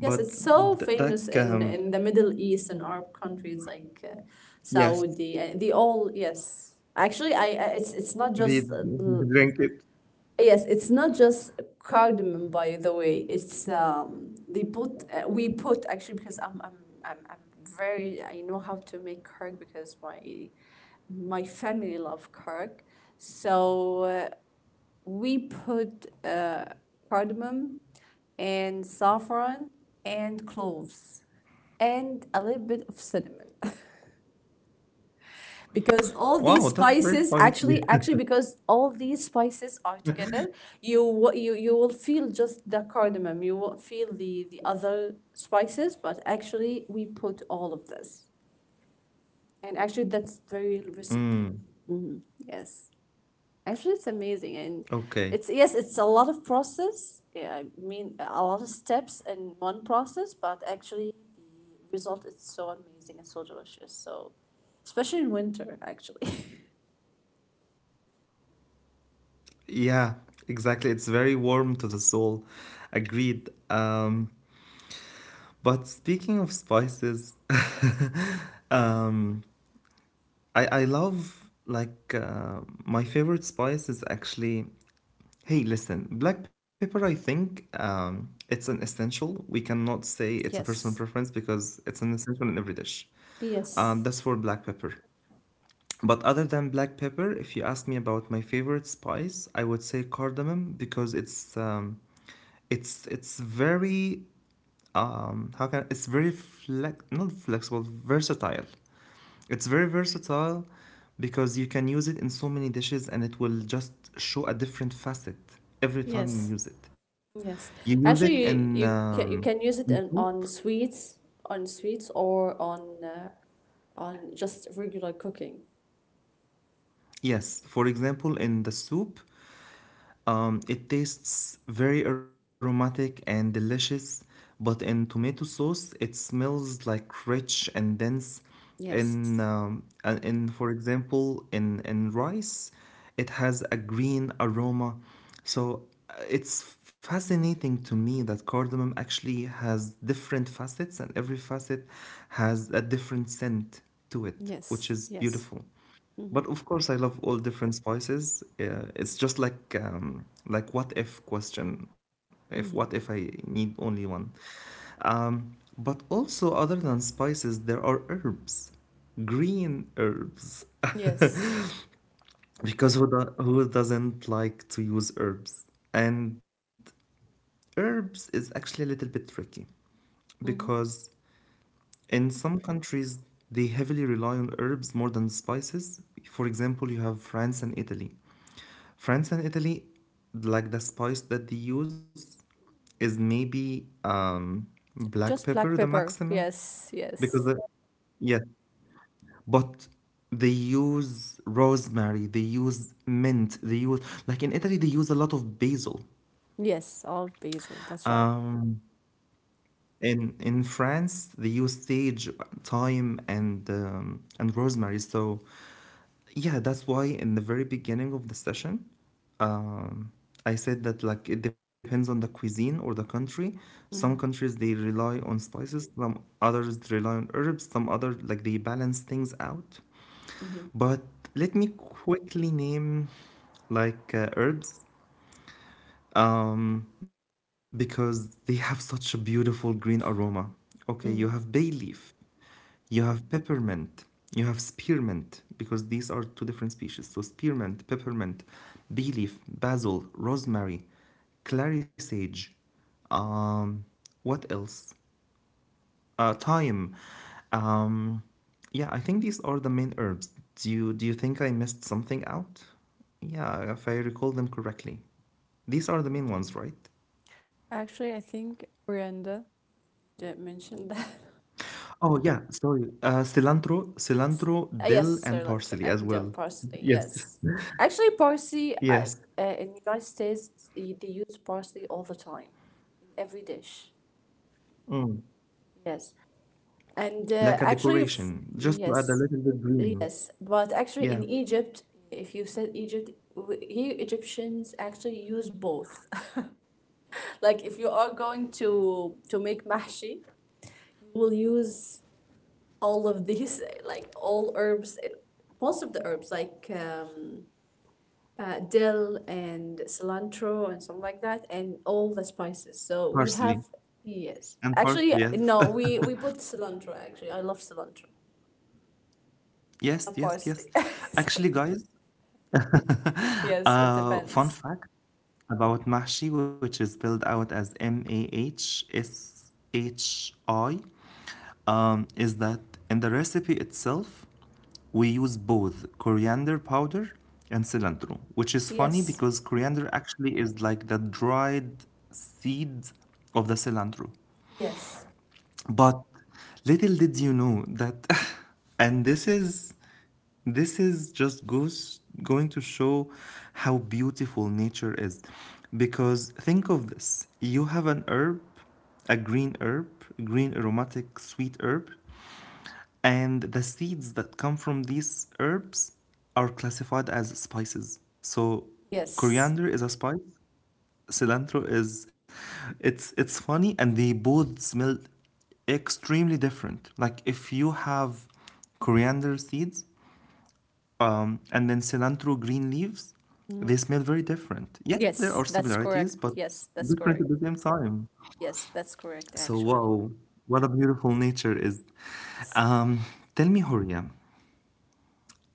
Speaker 2: Yes, it's so
Speaker 1: th-
Speaker 2: famous
Speaker 1: that um
Speaker 2: in in the Middle East and Arab countries like uh,
Speaker 1: yes
Speaker 2: Saudi. Uh, they all yes. Actually, I I- it's it's not
Speaker 1: they, <laughs>
Speaker 2: just uh, l-
Speaker 1: they drink it.
Speaker 2: yes, it's not just cardamom. By the way, it's um they put uh, we put actually because I'm I'm I'm I'm very I know how to make curd because my my family love curd. So uh, we put uh, cardamom and saffron and cloves and a little bit of cinnamon <laughs> because all these
Speaker 1: Wow, that's very
Speaker 2: spices
Speaker 1: spicy.
Speaker 2: actually actually
Speaker 1: <laughs>
Speaker 2: because all these spices are together you wa- you you will feel just the cardamom. You won't feel the the other spices, but actually we put all of this. And actually that's very recipe.
Speaker 1: Mm,
Speaker 2: Mhm. Yes. Actually, it's amazing, and
Speaker 1: okay.
Speaker 2: it's yes, it's a lot of process. Yeah, I mean, a lot of steps in one process, but actually, the result is so amazing and so delicious. So, especially in winter, actually. <laughs>
Speaker 1: Yeah, exactly. It's very warm to the soul. Agreed. Um, but speaking of spices, <laughs> um, I I love like uh, my favorite spice is actually hey listen black pepper. I think um, it's an essential. We cannot say it's a personal
Speaker 2: Yes.
Speaker 1: preference because it's an essential in every dish. Um,
Speaker 2: Yes,
Speaker 1: that's for black pepper. But other than black pepper, if you ask me about my favorite spice, I would say cardamom because it's um, it's it's very um how can it's very flex not flexible versatile, it's very versatile because you can use it in so many dishes and it will just show a different facet every time
Speaker 2: yes.
Speaker 1: you use it. You
Speaker 2: Yes.
Speaker 1: use it in
Speaker 2: Actually, you you
Speaker 1: um,
Speaker 2: can, you can
Speaker 1: in
Speaker 2: use it
Speaker 1: soup,
Speaker 2: in, on sweets, on sweets, or on uh, on just regular cooking.
Speaker 1: yes for example in the soup. Um, it tastes very aromatic and delicious, but in tomato sauce, it smells like rich and dense.
Speaker 2: Yes.
Speaker 1: In um, uh, in for example, in in rice, it has a green aroma. So uh, it's fascinating to me that cardamom actually has different facets, and every facet has a different scent to it,
Speaker 2: Yes.
Speaker 1: which is
Speaker 2: Yes.
Speaker 1: beautiful.
Speaker 2: Mm-hmm.
Speaker 1: But of course, I love all different spices. Uh, it's just like um, like what if question. If what
Speaker 2: Mm-hmm.
Speaker 1: if I need only one? Um, but also, other than spices, there are herbs, green herbs.
Speaker 2: Yes.
Speaker 1: <laughs> Because who, do- who doesn't like to use herbs? And herbs is actually a little bit tricky
Speaker 2: Mm-hmm.
Speaker 1: because in some countries, they heavily rely on herbs more than spices. For example, you have France and Italy. France and Italy, like the spice that they use, is maybe um, black
Speaker 2: Just
Speaker 1: pepper,
Speaker 2: black
Speaker 1: the
Speaker 2: pepper.
Speaker 1: maximum,
Speaker 2: Yes,
Speaker 1: because the,
Speaker 2: yes.
Speaker 1: yes, but they use rosemary, they use mint, they use, like in Italy they use a lot of basil.
Speaker 2: Yes, olive basil. That's right.
Speaker 1: Um, In in France, they use sage, thyme, and um, and rosemary. So, yeah, that's why in the very beginning of the session, um, I said that like it depends on the cuisine or the country. Some
Speaker 2: Hmm.
Speaker 1: countries they rely on spices, some others rely on herbs, some other like they balance things out.
Speaker 2: Hmm.
Speaker 1: But let me quickly name like uh, herbs um, because they have such a beautiful green aroma. Okay, you
Speaker 2: Hmm.
Speaker 1: have bay leaf, you have peppermint, you have spearmint, because these are two different species. So, spearmint, peppermint, bay leaf, basil, rosemary, clary sage, um, what else? Uh, thyme. Um, yeah, I think these are the main herbs. Do you, do you think I missed something out? Yeah, if I recall them correctly. These are the main ones, right?
Speaker 2: Actually, I think Miranda did mention that. <laughs>
Speaker 1: Oh yeah, sorry. Uh, cilantro, cilantro,
Speaker 2: Uh,
Speaker 1: dill,
Speaker 2: yes,
Speaker 1: and
Speaker 2: sir,
Speaker 1: parsley as
Speaker 2: and dill
Speaker 1: well.
Speaker 2: parsley.
Speaker 1: Yes,
Speaker 2: Yes. Actually, parsley I,
Speaker 1: yes.
Speaker 2: uh, in the United States, they, they use parsley all the time in every dish.
Speaker 1: Mm.
Speaker 2: Yes. And
Speaker 1: Like a
Speaker 2: uh, actually, if,
Speaker 1: decoration, just to add a
Speaker 2: yes,
Speaker 1: little bit green.
Speaker 2: yes. But actually,
Speaker 1: Yeah,
Speaker 2: in Egypt, if you said Egypt, w- here Egyptians actually use both. <laughs> Like if you are going to to make mahshi, you will use all of these, <laughs> like all herbs, eh, most of the herbs, like um, uh, dill and cilantro and something like that, and all the spices. So we have
Speaker 1: parsley
Speaker 2: yes,
Speaker 1: and
Speaker 2: actually
Speaker 1: parsley. Yes,
Speaker 2: no, we we put cilantro. Actually, I love cilantro.
Speaker 1: <laughs> yes,
Speaker 2: Not
Speaker 1: yes,
Speaker 2: parsley.
Speaker 1: yes.
Speaker 2: <laughs> So,
Speaker 1: Actually, guys, <laughs>
Speaker 2: yes, it
Speaker 1: uh,
Speaker 2: depends.
Speaker 1: fun fact about Mahshi, which is spelled out as M A H S H I, um, is that in the recipe itself, we use both coriander powder and cilantro, which is funny
Speaker 2: Yes,
Speaker 1: because coriander actually is like the dried seeds of the cilantro.
Speaker 2: yes,
Speaker 1: But little did you know that, <laughs> and this is this is just goes going to show how beautiful nature is, because think of this. You have an herb, a green herb, green aromatic sweet herb, and the seeds that come from these herbs are classified as spices. So
Speaker 2: yes.
Speaker 1: coriander is a spice, cilantro is, it's it's funny, and they both smell extremely different. Like if you have coriander seeds um, and then cilantro green leaves, they
Speaker 2: Mhm.
Speaker 1: smell very different. Yes, there are
Speaker 2: Yes, that's
Speaker 1: similarities,
Speaker 2: correct.
Speaker 1: but
Speaker 2: Yes, that's
Speaker 1: different at
Speaker 2: correct.
Speaker 1: the same time.
Speaker 2: Yes, that's correct,
Speaker 1: So
Speaker 2: actually.
Speaker 1: wow, what a beautiful nature is.
Speaker 2: Yes.
Speaker 1: um, Tell me, Horia,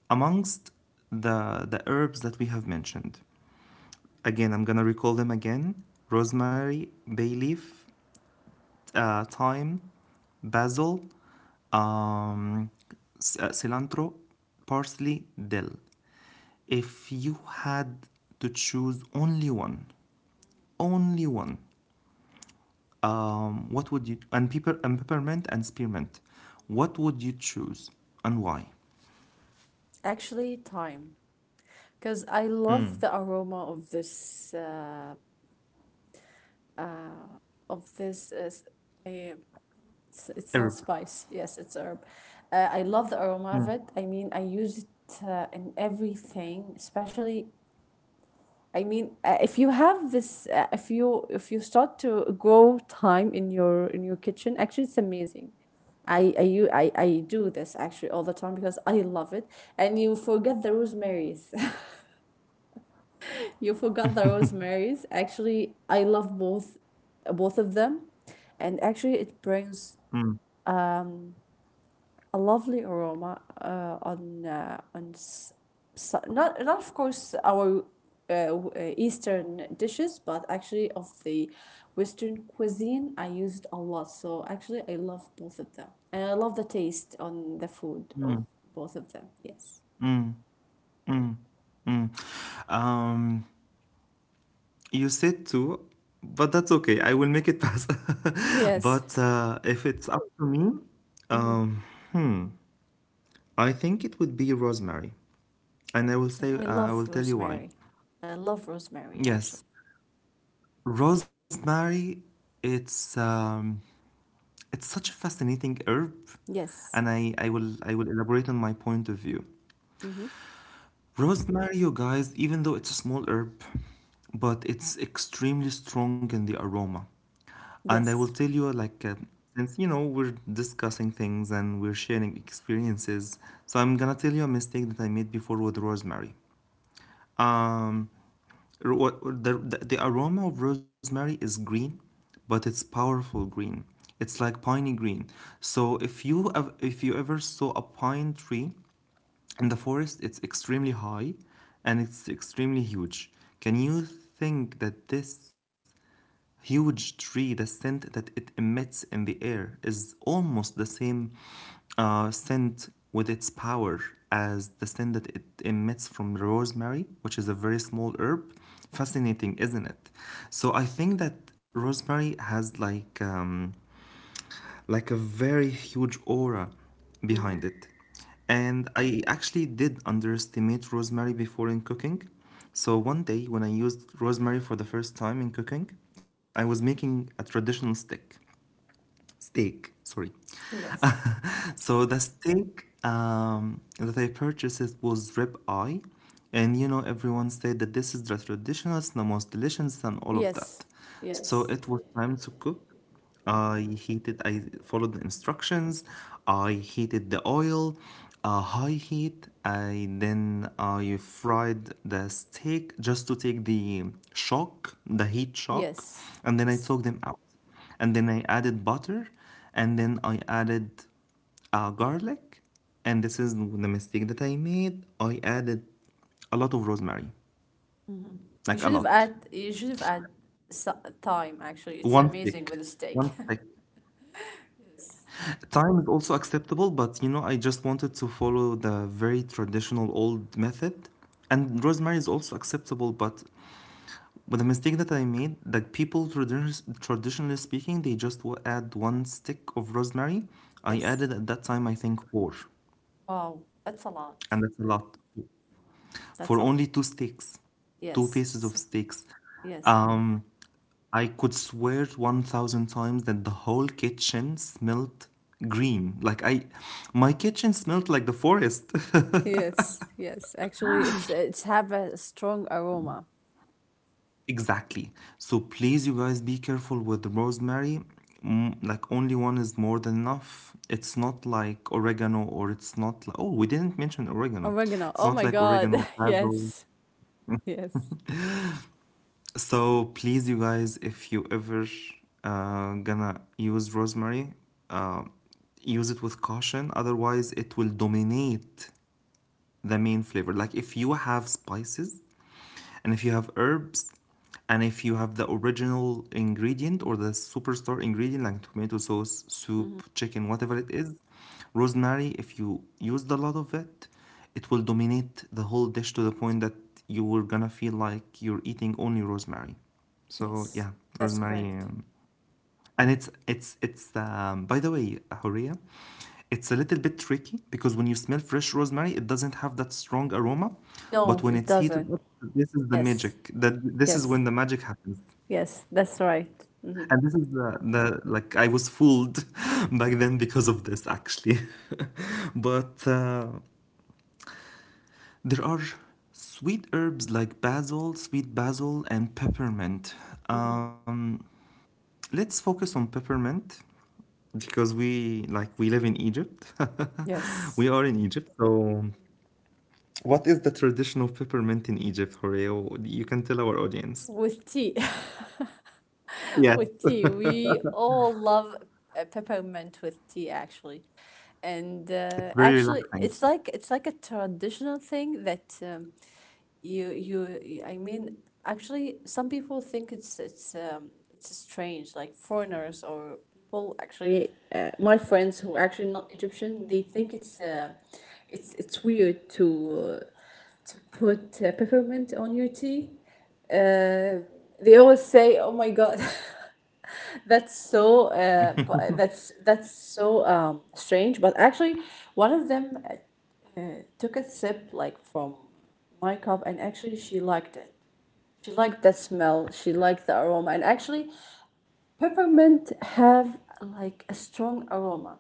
Speaker 1: amongst the the herbs that we have mentioned, again, I'm gonna recall them again: rosemary, bay leaf, uh, thyme, basil, um, uh, cilantro, parsley, dill. If you had to choose only one, only one, um, what would you — and pepper and peppermint and spearmint? What would you choose, and why?
Speaker 2: Actually, time. Because I love the aroma of this, uh, of this, uh, s- I- it's, it's not
Speaker 1: Herb.
Speaker 2: spice. Yes, it's herb. Uh, I love the aroma of it. I mean, I use it uh, in everything, especially I mean, uh, if you have this, uh, if you if you start to grow time in your in your kitchen, actually, it's amazing. I I you I, I do this actually all the time because I love it, and you forget the rosemaries. <laughs> You forgot the rosemaries. Actually, I love both, both of them, and actually, it brings
Speaker 1: Mm,
Speaker 2: a lovely aroma uh, on uh, on s- s- not not of course our uh, w- uh, Eastern dishes, but actually of the Western cuisine, I used a lot. So actually, I love both of them, and I love the taste on the food of
Speaker 1: mm,
Speaker 2: both of them. Yes,
Speaker 1: mm, mm, mm. Um, You said two, but that's okay. I will make it pass. <laughs>
Speaker 2: yes.
Speaker 1: But uh, if it's up to me,
Speaker 2: Mm-hmm.
Speaker 1: um, hmm, I think it would be rosemary, and I will
Speaker 2: Yes,
Speaker 1: say
Speaker 2: I
Speaker 1: uh, I
Speaker 2: love
Speaker 1: will tell you why.
Speaker 2: rosemary. I love rosemary actually.
Speaker 1: Yes, rosemary. It's um, it's such a fascinating herb, and
Speaker 2: Yes.
Speaker 1: I I will I will elaborate on my point of view.
Speaker 2: Mm-hmm.
Speaker 1: Rosemary, you guys, even though it's a small herb, but it's extremely strong in the aroma. And I
Speaker 2: Yes.
Speaker 1: will tell you, like, uh, since you know we're discussing things and we're sharing experiences, so I'm gonna tell you a mistake that I made before with rosemary. Um, r- what- the, the, the aroma of rosemary is green, but it's powerful green. It's like piney green. So if you ev- if you ever saw a pine tree in the forest, it's extremely high and it's extremely huge. Can you think that this huge tree, the scent that it emits in the air, is almost the same uh, scent with its power as the scent that it emits from rosemary, which is a very small herb? Fascinating, isn't it? So I think that rosemary has like. Um, like a very huge aura
Speaker 2: Mm-hmm.
Speaker 1: behind it. And I actually did underestimate rosemary before in cooking. So one day when I used rosemary for the first time in cooking, I was making a traditional stick steak, sorry. <laughs>
Speaker 2: Yes.
Speaker 1: So the steak um, that I purchased, it was rib eye, and you know everyone said that this is the traditional, it's the most delicious, and all of
Speaker 2: Yes.
Speaker 1: that. So
Speaker 2: Yes.
Speaker 1: it was time to cook. I heated. I followed the instructions. I heated the oil, uh, high heat. I then I fried the steak just to take the shock, the heat shock,
Speaker 2: Yes.
Speaker 1: and then I took them out, and then I added butter, and then I added uh, garlic, and this is the mistake that I made. I added a lot of rosemary,
Speaker 2: You should
Speaker 1: like a
Speaker 2: have
Speaker 1: lot,
Speaker 2: add you should have add so- thyme actually. It's
Speaker 1: one
Speaker 2: amazing
Speaker 1: stick,
Speaker 2: with a steak.
Speaker 1: one
Speaker 2: <laughs>
Speaker 1: stick. Thyme is also acceptable, but you know, I just wanted to follow the very traditional old method, and rosemary is also acceptable, but But the mistake that I made, that people tradi- traditionally speaking, they just w- add one stick of rosemary. I
Speaker 2: Yes.
Speaker 1: added at that time, I think four,
Speaker 2: Wow, that's a lot.
Speaker 1: and that's a lot
Speaker 2: That's
Speaker 1: for
Speaker 2: a lot.
Speaker 1: only two steaks, two
Speaker 2: Yes.
Speaker 1: pieces
Speaker 2: S-
Speaker 1: of steaks.
Speaker 2: Yes.
Speaker 1: Um, I could swear a thousand times that the whole kitchen smelled green. Like I, my kitchen smelled like the forest. <laughs>
Speaker 2: Yes. Yes. Actually, it's it's have a strong aroma.
Speaker 1: Exactly. So please, you guys, be careful with rosemary. Mm, like only one is more than enough. It's not like oregano, or it's not like, oh, we didn't mention oregano.
Speaker 2: Oregano.
Speaker 1: It's
Speaker 2: Oh
Speaker 1: not
Speaker 2: my
Speaker 1: like
Speaker 2: God.
Speaker 1: oregano,
Speaker 2: <laughs>
Speaker 1: basil.
Speaker 2: Yes. Yes.
Speaker 1: So please, you guys, if you ever uh, gonna use rosemary, uh, use it with caution. Otherwise, it will dominate the main flavor. Like if you have spices, and if you have herbs, and if you have the original ingredient or the superstar ingredient like tomato sauce,
Speaker 2: Mhm.
Speaker 1: soup, chicken, whatever it is, rosemary, if you used a lot of it, it will dominate the whole dish to the point that you were gonna feel like you're eating only rosemary. So
Speaker 2: Yes.
Speaker 1: yeah,
Speaker 2: That's
Speaker 1: rosemary
Speaker 2: correct.
Speaker 1: um, and it's it's it's um, by the way, Horia, it's a little bit tricky because when you smell fresh rosemary, it doesn't have that strong aroma,
Speaker 2: No,
Speaker 1: but when
Speaker 2: it
Speaker 1: it's heated
Speaker 2: doesn't.
Speaker 1: up, this is the
Speaker 2: Yes.
Speaker 1: magic that this is
Speaker 2: Yes.
Speaker 1: when the magic happens.
Speaker 2: Yes. That's right.
Speaker 1: And
Speaker 2: Hmm.
Speaker 1: this is the, the like I was fooled <laughs> back then because of this actually. <laughs> But uh, there are sweet herbs like basil, sweet basil, and peppermint. um, let's focus on peppermint because we like we live in Egypt. <laughs>
Speaker 2: Yes.
Speaker 1: We are in Egypt. So what is the traditional peppermint in Egypt, Horeo? You can tell our audience.
Speaker 2: With tea. <laughs>
Speaker 1: Yes,
Speaker 2: With
Speaker 1: <laughs>
Speaker 2: tea. We all love uh, peppermint with tea actually. And uh,
Speaker 1: it's very
Speaker 2: actually
Speaker 1: relaxing.
Speaker 2: it's like it's like a traditional thing that um, you you I mean actually some people think it's it's um, it's strange like foreigners or people actually uh, my friends who are actually not Egyptian they think it's uh, it's it's weird to uh, to put uh, peppermint on your tea. uh, they always say, "Oh my God, <laughs> that's so uh, bu- that's that's so um, strange." But actually, one of them uh, took a sip like from my cup, and actually she liked it. She liked the smell. She liked the aroma, and actually, peppermint have like a strong aroma,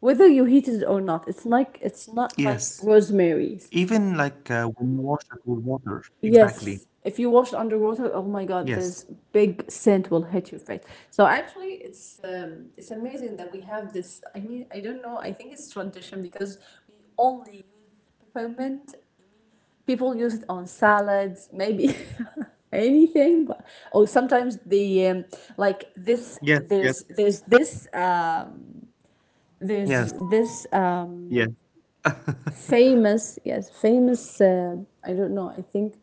Speaker 2: whether you heat it or not. It's like it's not like
Speaker 1: Yes.
Speaker 2: rosemary.
Speaker 1: Even like uh, when you wash it with water. Exactly.
Speaker 2: Yes, if you wash it underwater, oh my God, this
Speaker 1: Yes.
Speaker 2: big scent will hit your face. So actually, it's um, it's amazing that we have this. I mean, I don't know. I think it's tradition because we only use peppermint. People use it on salads, maybe <laughs> anything, but or sometimes the um, like
Speaker 1: Yes,
Speaker 2: this.
Speaker 1: yes.
Speaker 2: There's there's this um,
Speaker 1: Yes.
Speaker 2: there's this
Speaker 1: Yes.
Speaker 2: um, famous yes famous. Uh, I don't know. I think.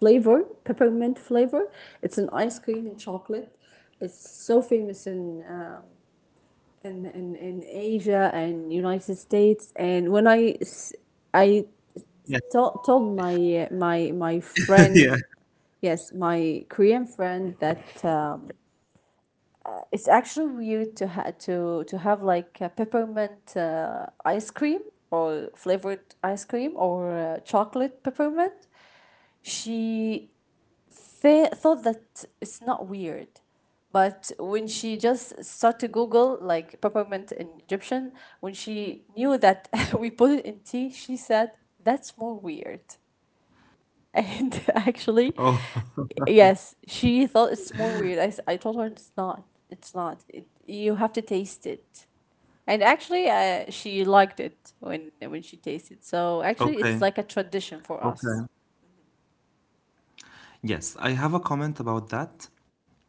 Speaker 2: Flavor, peppermint flavor. It's an ice cream and chocolate. It's so famous in um, in, in in Asia and United States. And when I s- I
Speaker 1: Yes.
Speaker 2: to- told my my my
Speaker 1: <laughs>
Speaker 2: friend,
Speaker 1: Yeah.
Speaker 2: yes, my Korean friend, that um, it's actually weird to ha- to to have like a peppermint uh, ice cream or flavored ice cream or uh, chocolate peppermint. She fa- thought that it's not weird. But when she just started to Google like peppermint in Egyptian, when she knew that <laughs> we put it in tea, she said, that's more weird. <laughs> And actually,
Speaker 1: Oh,
Speaker 2: yes, she thought it's more weird. I, s- I told her it's not. It's not. It, you have to taste it. And actually, uh, she liked it when when she tasted. So
Speaker 1: <laughs>
Speaker 2: actually, it's
Speaker 1: okay.
Speaker 2: like a tradition for us.
Speaker 1: Okay. Yes, I have a comment about that.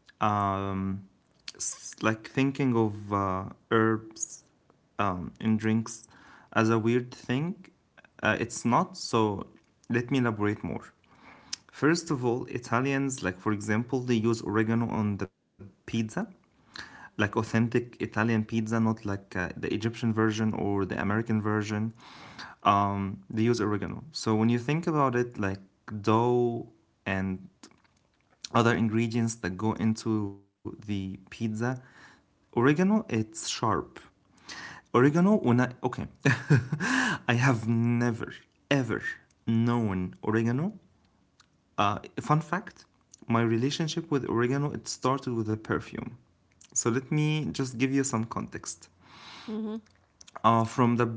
Speaker 1: Um, s- like thinking of uh, herbs um, in drinks as a weird thing, uh, it's not, so let me elaborate more. First of all, Italians, like for example, they use oregano on the pizza, like authentic Italian pizza, not like uh, the Egyptian version or the American version. Um, they use oregano. So when you think about it, like dough and other ingredients that go into the pizza. Oregano, it's sharp. Oregano, when I, okay, <laughs> I have never, ever known oregano. Uh, fun fact, my relationship with oregano, it started with a perfume. So let me just give you some context.
Speaker 2: Mm-hmm.
Speaker 1: Uh, from the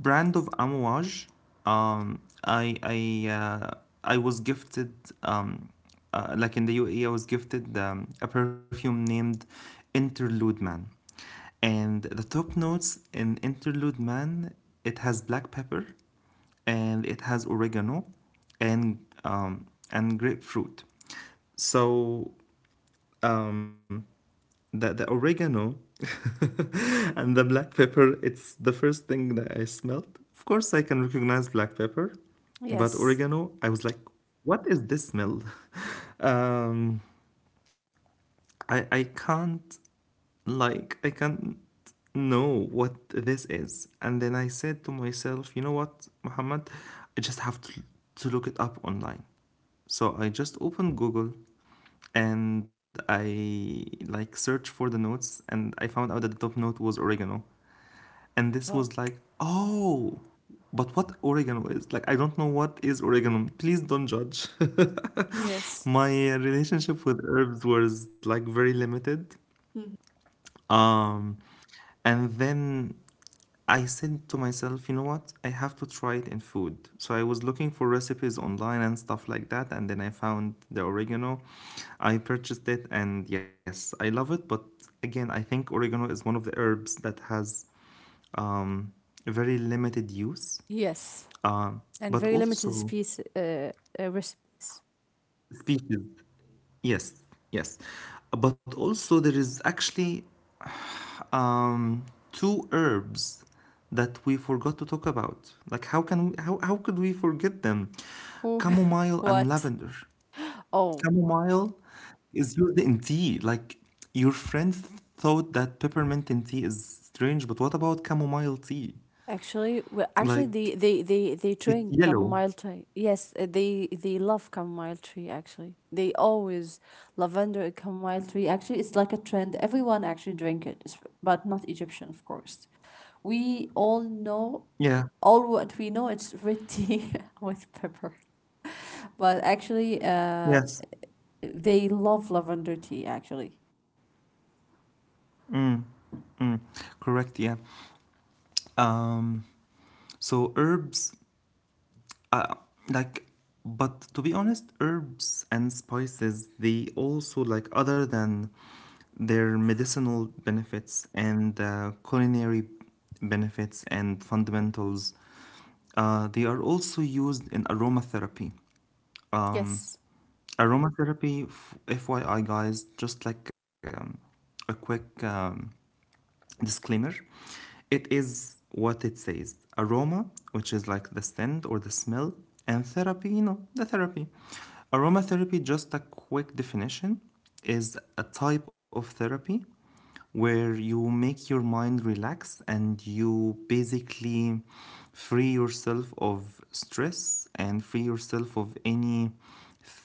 Speaker 1: brand of Amouage, um i i uh, I was gifted um uh, like in the UAE, I was gifted um, a perfume named Interlude Man, and the top notes in Interlude Man, it has black pepper, and it has oregano, and um and grapefruit. So um, the, the oregano <laughs> and the black pepper, it's the first thing that I smelled. Of course I can recognize black pepper, but
Speaker 2: Yes.
Speaker 1: oregano, I was like, what is this smell? <laughs> um I I can't like I can't know what this is. And then I said to myself, you know what, Muhammad, I just have to, to look it up online. So I just opened Google, and I like searched for the notes, and I found out that the top note was oregano. And this
Speaker 2: Wow.
Speaker 1: was like, oh, but what oregano is? Like, I don't know what is oregano. Please don't judge. <laughs>
Speaker 2: Yes.
Speaker 1: My uh, relationship with herbs was like very limited. Um, and then I said to myself, you know what? I have to try it in food. So I was looking for recipes online and stuff like that. And then I found the oregano. I purchased it. And yes, I love it. But again, I think oregano is one of the herbs that has um, very limited use,
Speaker 2: Yes,
Speaker 1: um,
Speaker 2: and very
Speaker 1: but
Speaker 2: limited
Speaker 1: also
Speaker 2: space uh, uh, recipes.
Speaker 1: species. Yes, yes. But also, there is actually um, two herbs that we forgot to talk about. Like how can we, how how could we forget them?
Speaker 2: Oh, <laughs>
Speaker 1: Chamomile and
Speaker 2: what?
Speaker 1: lavender.
Speaker 2: Oh,
Speaker 1: Chamomile is used in tea. Like your friend thought that peppermint in tea is strange, but what about chamomile tea?
Speaker 2: actually, well, actually, they
Speaker 1: Like
Speaker 2: they they they
Speaker 1: it's
Speaker 2: drink
Speaker 1: yellow.
Speaker 2: chamomile tea. Yes, uh, they they love chamomile tea. Actually, they always lavender and chamomile tea. Actually, it's like a trend. Everyone actually drink it, it's- but not Egyptian, of course. We all know
Speaker 1: Yeah.
Speaker 2: all what we know. It's red tea <laughs> with pepper, but actually, uh.
Speaker 1: Yes.
Speaker 2: They love lavender tea actually.
Speaker 1: Mm, correct. Yeah. Um, so herbs uh, like, but to be honest, herbs and spices, they also, like, other than their medicinal benefits and uh, culinary benefits and fundamentals, uh, they are also used in aromatherapy. Um,
Speaker 2: Yes.
Speaker 1: aromatherapy, f- FYI, guys, just like um, a quick um, disclaimer, it is what it says: aroma, which is like the scent or the smell, and therapy, you know, the therapy. Aromatherapy, just a quick definition, is a type of therapy where you make your mind relax, and you basically free yourself of stress and free yourself of any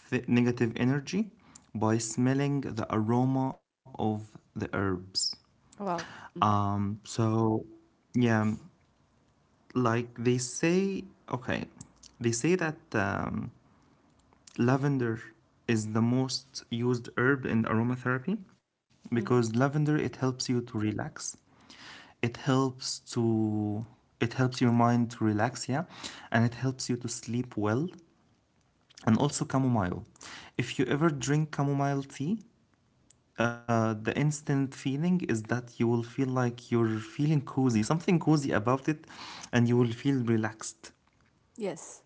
Speaker 1: th- negative energy by smelling the aroma of the herbs.
Speaker 2: Wow.
Speaker 1: um, so yeah, like they say, okay, they say that um, lavender is the most used herb in aromatherapy
Speaker 2: Mm-hmm.
Speaker 1: because lavender, it helps you to relax. It helps to it helps your mind to relax, yeah, and it helps you to sleep well, and also chamomile. If you ever drink chamomile tea, uh, the instant feeling is that you will feel like you're feeling cozy, something cozy about it, and you will feel relaxed.
Speaker 2: Yes.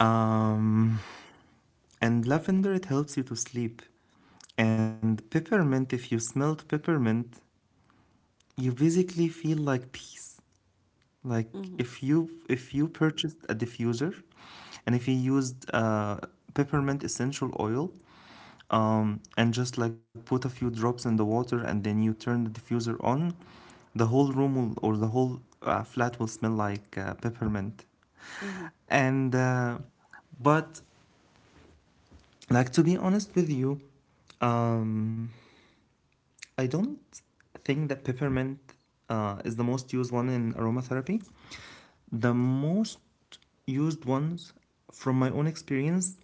Speaker 1: Um, and lavender, it helps you to sleep. And peppermint, if you smelled peppermint, you basically feel like peace. Like if
Speaker 2: Mm-hmm.
Speaker 1: you if you purchased a diffuser, and if you used uh, peppermint essential oil, um, and just like put a few drops in the water, and then you turn the diffuser on, the whole room will, or the whole uh, flat will smell like uh, peppermint.
Speaker 2: Mm-hmm.
Speaker 1: And uh, but like to be honest with you, um, I don't think that peppermint uh, is the most used one in aromatherapy. The most used ones from my own experience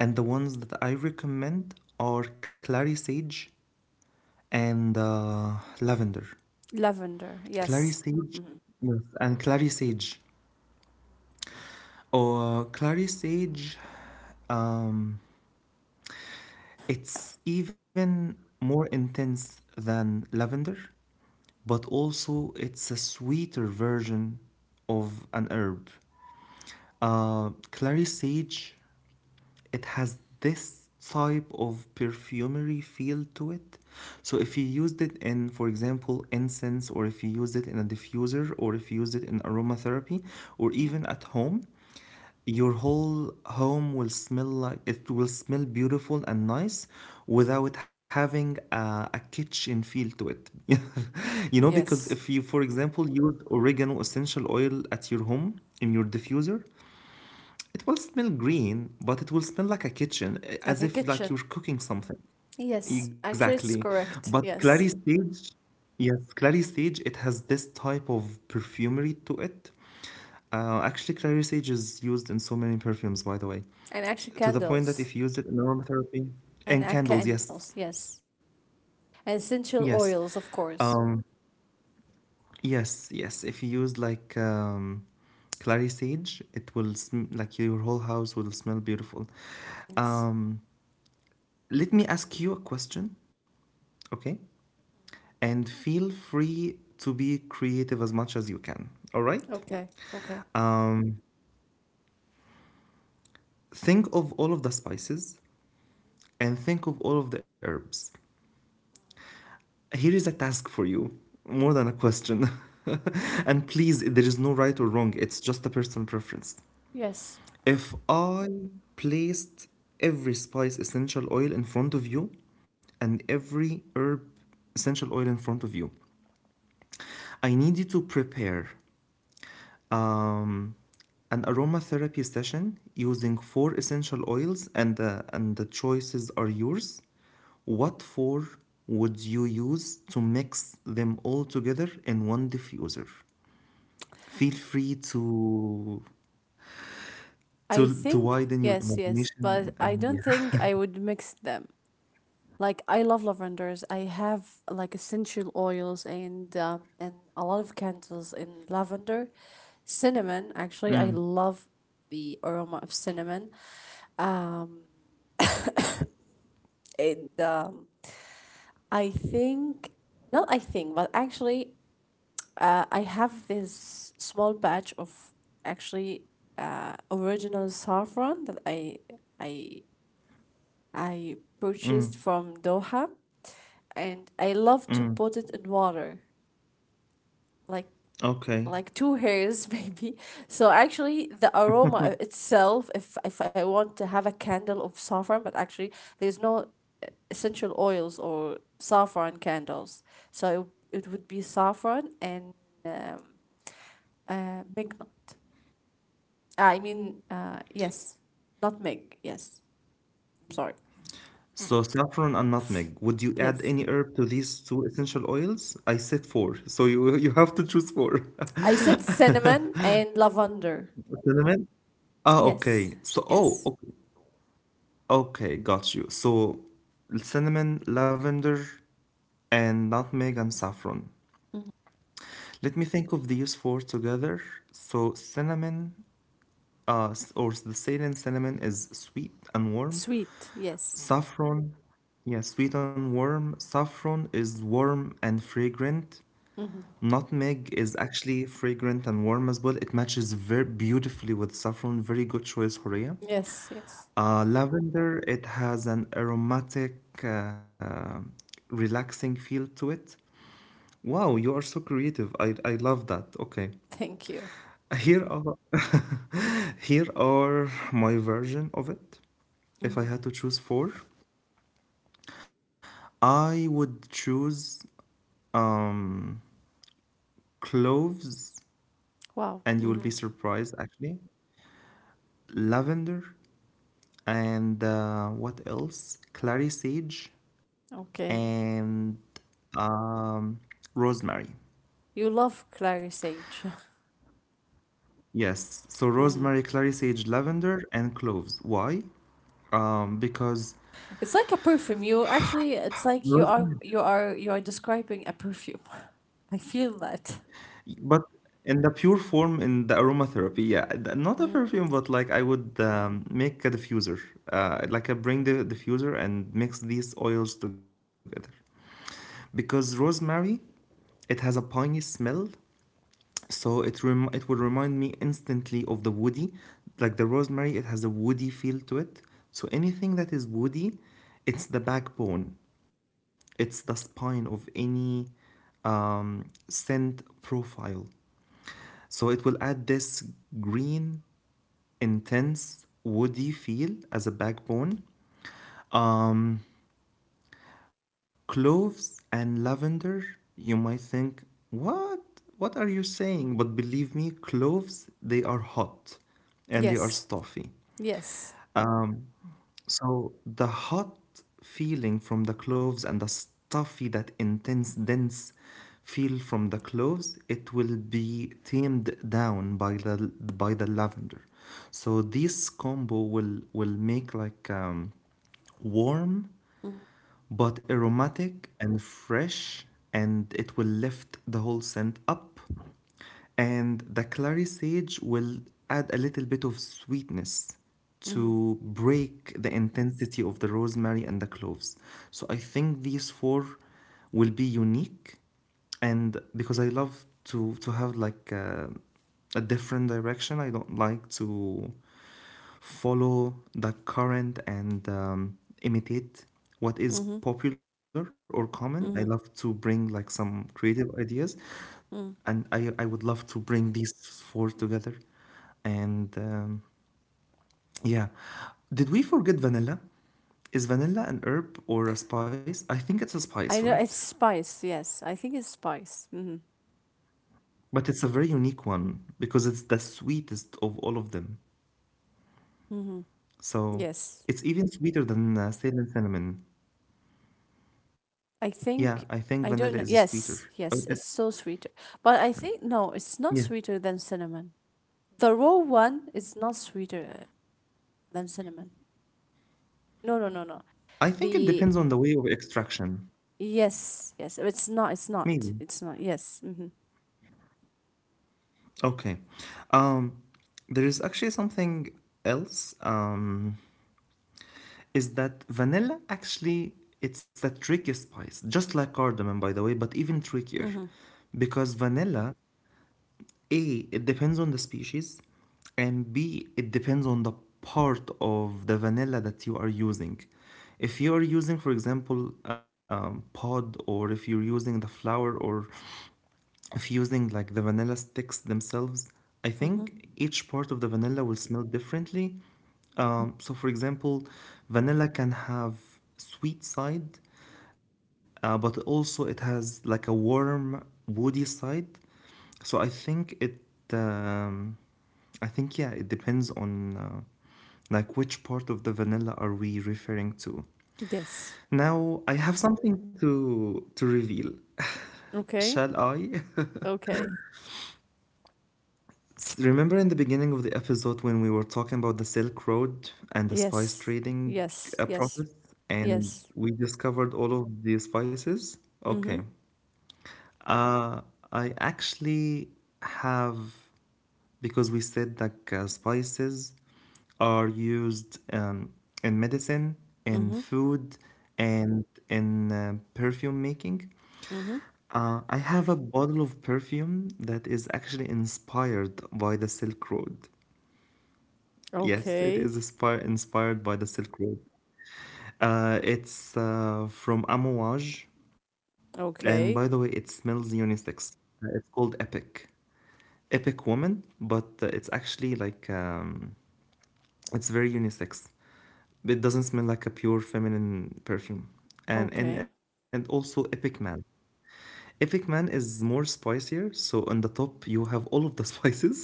Speaker 1: and the ones that I recommend are clary sage and uh, lavender.
Speaker 2: Lavender.
Speaker 1: Clary
Speaker 2: Yes.
Speaker 1: sage, yes, and clary sage. Or clary sage, um, it's even more intense than lavender, but also it's a sweeter version of an herb. Uh, clary sage, it has this type of perfumery feel to it. So if you used it in, for example, incense, or if you used it in a diffuser, or if you used it in aromatherapy, or
Speaker 2: Mm-hmm.
Speaker 1: even at home, your whole home will smell like it will smell beautiful and nice without having a, a kitchen feel to it. <laughs> you know, because
Speaker 2: Yes.
Speaker 1: if you, for example, use oregano essential oil at your home in your diffuser, it will smell green, but it will smell like a kitchen, eh,
Speaker 2: Like a
Speaker 1: as if
Speaker 2: kitchen.
Speaker 1: like you're cooking something.
Speaker 2: Yes. Actually, it's
Speaker 1: Exactly.
Speaker 2: correct.
Speaker 1: But
Speaker 2: Yes.
Speaker 1: clary sage, yes, clary sage, it has this type of perfumery to it. Uh, actually, clary sage is used in so many perfumes, by the way,
Speaker 2: And
Speaker 1: S-
Speaker 2: actually,
Speaker 1: to the point that
Speaker 2: candles.
Speaker 1: if you use it in aromatherapy
Speaker 2: And
Speaker 1: and
Speaker 2: uh,
Speaker 1: candles, yes,
Speaker 2: candles. Yes. And essential
Speaker 1: yes.
Speaker 2: oils, of course.
Speaker 1: Um, Yes, yes. If you use like um, clary sage, it will sm- like your whole house will smell beautiful.
Speaker 2: Yes.
Speaker 1: Um, let me ask you a question, okay? And feel free to be creative as much as you can. All right?
Speaker 2: Okay. Okay.
Speaker 1: Um, think of all of the spices and think of all of the herbs. Here is a task for you, more than a question. <laughs> And please, there is no right or wrong. It's just a personal preference.
Speaker 2: Yes.
Speaker 1: If I placed every spice essential oil in front of you and every herb essential oil in front of you, I need you to prepare um, an aromatherapy session using four essential oils, and the, and the choices are yours. What four would you use to mix them all together in one diffuser? Feel free to
Speaker 2: I
Speaker 1: to to
Speaker 2: think.
Speaker 1: widen your
Speaker 2: Yes. Yes.
Speaker 1: imagination
Speaker 2: But I
Speaker 1: and
Speaker 2: don't
Speaker 1: yeah.
Speaker 2: think I would mix them. Like I love lavenders. I have like essential oils and uh, and a lot of candles in lavender, cinnamon. Actually, I love the aroma of cinnamon, and um, I think not. I think, but actually, uh, I have this small batch of actually uh, original saffron that I I I
Speaker 1: <laughs> Mm.
Speaker 2: purchased from Doha, and I
Speaker 1: Mm,
Speaker 2: love to put it in water like
Speaker 1: okay. Mm.
Speaker 2: like two hairs <laughs> maybe. So actually the aroma itself, if if I want to have a candle of saffron, but actually there's no uh, essential oils or saffron candles. So it, it would be saffron and um, uh, mignot, I mean uh, yes, not mig yes, I'm sorry.
Speaker 1: So saffron and nutmeg. Would you add
Speaker 2: Yes,
Speaker 1: any herb to these two essential oils? I said four, so you you have to choose four.
Speaker 2: I said cinnamon and lavender.
Speaker 1: <laughs> Cinnamon? Ah,
Speaker 2: Yes.
Speaker 1: okay. So oh,
Speaker 2: Yes.
Speaker 1: okay, okay, got you. So cinnamon, lavender, and nutmeg and saffron.
Speaker 2: Mhm.
Speaker 1: Let me think of these four together. So cinnamon, uh, s- or the Ceylon cinnamon is sweet and warm.
Speaker 2: Sweet yes.
Speaker 1: Saffron, yeah, sweet and warm. Saffron is warm and fragrant. Nutmeg is actually fragrant and warm as well. It matches very beautifully with saffron. Very good choice, Horea.
Speaker 2: Yes. Yes.
Speaker 1: Uh, lavender, it has an aromatic, uh, relaxing feel to it. Wow, you are so creative. I, I love that. Okay.
Speaker 2: Thank you.
Speaker 1: Here are <laughs> here are my version of it. If I
Speaker 2: Mhm.
Speaker 1: had to choose four, I would choose um, cloves,
Speaker 2: Wow.
Speaker 1: and you will be
Speaker 2: Mhm.
Speaker 1: surprised actually. Lavender, and uh, what else? Clary sage,
Speaker 2: Okay.
Speaker 1: and um, rosemary.
Speaker 2: You love clary sage. <laughs>
Speaker 1: Yes, so
Speaker 2: Mhm.
Speaker 1: rosemary, clary sage, lavender, and cloves. Why? Um, because
Speaker 2: It's like a perfume. You actually, it's like you
Speaker 1: rosemary.
Speaker 2: are you are you are describing a perfume. <laughs> I feel that.
Speaker 1: But in the pure form, in the aromatherapy, yeah, th- not a perfume, but like I would um, make a diffuser, uh, like I bring the diffuser and mix these oils together, because rosemary, it has a piney smell, so it rem- it would remind me instantly of the woody, like the rosemary, it has a woody feel to it. So anything that is woody, it's the backbone, it's the spine of any um, scent profile. So it will add this green, intense, woody feel as a backbone. Um, cloves and lavender, you might think, what? What are you saying? But believe me, cloves, they are hot and they are
Speaker 2: Yes.
Speaker 1: stuffy.
Speaker 2: Yes.
Speaker 1: Um, So the hot feeling from the cloves and the stuffy, that intense, dense feel from the cloves, it will be tamed down by the by the lavender. So this combo will will make like um, warm
Speaker 2: Mhm.
Speaker 1: but aromatic and fresh, and it will lift the whole scent up. And the clary sage will add a little bit of sweetness
Speaker 2: Mhm.
Speaker 1: to break the intensity of the rosemary and the cloves. So I think these four will be unique, and because I love to to have like a, a different direction, I don't like to follow the current and um, imitate
Speaker 2: Mhm.
Speaker 1: what is popular or common. I
Speaker 2: Mhm.
Speaker 1: love to bring like some creative ideas,
Speaker 2: Mhm.
Speaker 1: and I I would love to bring these four together. And um, yeah, did we forget vanilla? Is vanilla an herb or a spice? I think it's a spice,
Speaker 2: I
Speaker 1: right?
Speaker 2: know it's spice. Yes, I think it's spice. Mhm.
Speaker 1: But it's a very unique one because it's the sweetest of all of them.
Speaker 2: Mhm.
Speaker 1: So
Speaker 2: Yes.
Speaker 1: it's even sweeter than uh, sage and cinnamon.
Speaker 2: I
Speaker 1: Yeah, I think
Speaker 2: think
Speaker 1: vanilla
Speaker 2: I
Speaker 1: is
Speaker 2: don't know.
Speaker 1: sweeter. But
Speaker 2: Yes.
Speaker 1: it's
Speaker 2: Yes. It's so sweeter. But I think no,
Speaker 1: yeah.
Speaker 2: it's not sweeter than cinnamon. The raw one is not sweeter than cinnamon. No, no, no, no.
Speaker 1: I think it
Speaker 2: The
Speaker 1: depends on the way of extraction.
Speaker 2: yes, yes. It's not. It's not.
Speaker 1: Maybe.
Speaker 2: It's not. Yes. Mm-hmm.
Speaker 1: Okay. Um, there is actually something else. Um, is that vanilla actually it's the tricky spice, just like cardamom, by the way, but even trickier,
Speaker 2: Mm-hmm.
Speaker 1: because vanilla A, it depends on the species, and B, it depends on the part of the vanilla that you are using. If you are using, for example, um, pod, or if you're using the flower, or if you're using like the vanilla sticks themselves, I
Speaker 2: Mm-hmm.
Speaker 1: think each part of the vanilla will smell differently. Um, so, for example, vanilla can have sweet side, uh, but also it has like a warm, woody side. So I think it, um, I think yeah, it depends on uh, like which part of the vanilla are we referring to.
Speaker 2: Yes.
Speaker 1: Now I have something to to reveal. <laughs>
Speaker 2: Okay.
Speaker 1: Shall I? <laughs>
Speaker 2: Okay.
Speaker 1: S- Remember in the beginning of the episode when we were talking about the Silk Road and the spice
Speaker 2: Yes.
Speaker 1: trading
Speaker 2: Yes.
Speaker 1: uh,
Speaker 2: Yes.
Speaker 1: process, and
Speaker 2: Yes.
Speaker 1: we discovered all of the spices?
Speaker 2: Mm-hmm.
Speaker 1: Okay. Uh, I actually have, because we said that uh, spices are used um, in medicine, in
Speaker 2: Mm-hmm.
Speaker 1: food, and in uh, perfume making.
Speaker 2: Mm-hmm.
Speaker 1: Uh, I have a bottle of perfume that is actually inspired by the Silk Road. Yes, it
Speaker 2: Okay.
Speaker 1: is inspire inspired by the Silk Road. Uh, it's uh, from Amouage, and by the way,
Speaker 2: Okay.
Speaker 1: it smells unisex. Uh, It's called Epic, Epic Woman, but uh, it's actually like um, it's very unisex. It doesn't smell like a pure feminine perfume. And
Speaker 2: Okay.
Speaker 1: and and also Epic Man. Epic Man is more spicier. So on the top you have all of the <laughs> spices.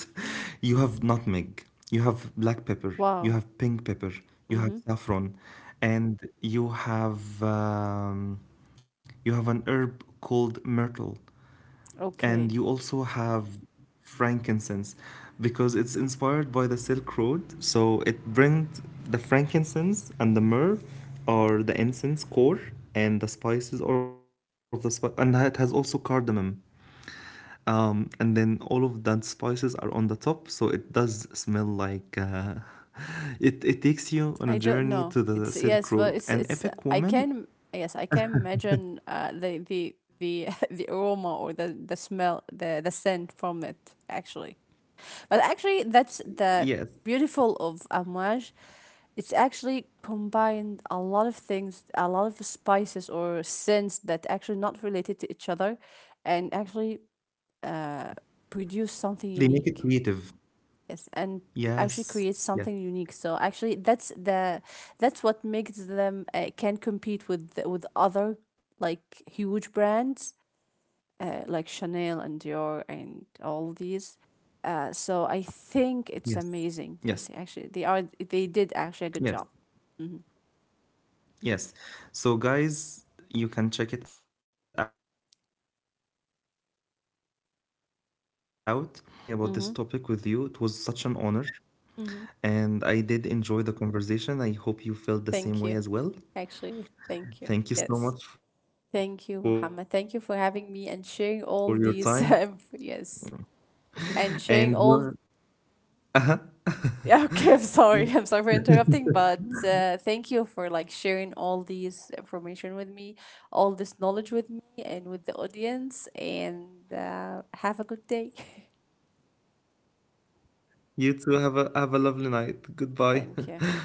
Speaker 1: You have nutmeg, you have black pepper, you
Speaker 2: Wow.
Speaker 1: have pink pepper, you have
Speaker 2: Mm-hmm.
Speaker 1: saffron, and you have um, you have an herb called myrtle and
Speaker 2: Okay.
Speaker 1: you also have frankincense because it's inspired by the Silk Road. So it brings the frankincense and the myrrh or the incense core and the spices or of the spice and it has also cardamom. Um, and then all of that spices are on the top, so it does smell like uh, <laughs> it, it takes you on a
Speaker 2: I don't
Speaker 1: journey
Speaker 2: know.
Speaker 1: to the
Speaker 2: It's
Speaker 1: Silk
Speaker 2: yes, well,
Speaker 1: Road.
Speaker 2: it's
Speaker 1: An
Speaker 2: it's. uh,
Speaker 1: epic
Speaker 2: I
Speaker 1: woman,
Speaker 2: can yes, I can imagine uh the the the <laughs> the aroma or the the smell, the the scent from it actually. But actually, that's the
Speaker 1: yes,
Speaker 2: beautiful of Amouage. It's actually combined a lot of things, a lot of spices or scents that actually not related to each other, and actually produce something
Speaker 1: they make
Speaker 2: unique.
Speaker 1: it creative.
Speaker 2: Yes, and actually create
Speaker 1: Yes,
Speaker 2: something
Speaker 1: yes,
Speaker 2: unique. So actually, that's the that's what makes them uh, can compete with the- with other like huge brands uh, like Chanel and Dior
Speaker 1: yes.
Speaker 2: and all these. Uh, so I
Speaker 1: Yes,
Speaker 2: think it's
Speaker 1: yes,
Speaker 2: amazing. Yes, actually, they are. They did actually a good
Speaker 1: yes,
Speaker 2: job. Mm-hmm.
Speaker 1: yes. So, guys, you can check it out. Um, Horia, truly, I didn't feel the time speaking about this
Speaker 2: Mm-hmm.
Speaker 1: topic with you. It was such an honor,
Speaker 2: Mm-hmm.
Speaker 1: and I did enjoy the conversation. I hope you felt
Speaker 2: Thank
Speaker 1: the
Speaker 2: you.
Speaker 1: same way as well.
Speaker 2: Actually, thank you. Yes.
Speaker 1: Thank you so much for your
Speaker 2: Thank you,
Speaker 1: time.
Speaker 2: Muhammad. Thank
Speaker 1: Every
Speaker 2: you for
Speaker 1: time,
Speaker 2: having me
Speaker 1: thank
Speaker 2: and
Speaker 1: you,
Speaker 2: sharing
Speaker 1: Horia.
Speaker 2: all
Speaker 1: <laughs>
Speaker 2: these. <laughs> um, yes. And sharing all
Speaker 1: And you,
Speaker 2: yeah, <laughs> okay, I'm sorry. <laughs> I'm sorry for interrupting, but uh, thank you for like sharing all these information with me, all this knowledge with me and with the audience, and uh, have a good day.
Speaker 1: you too have a have a lovely night.
Speaker 2: <laughs>
Speaker 1: Goodbye.
Speaker 2: Thank you.
Speaker 1: <laughs>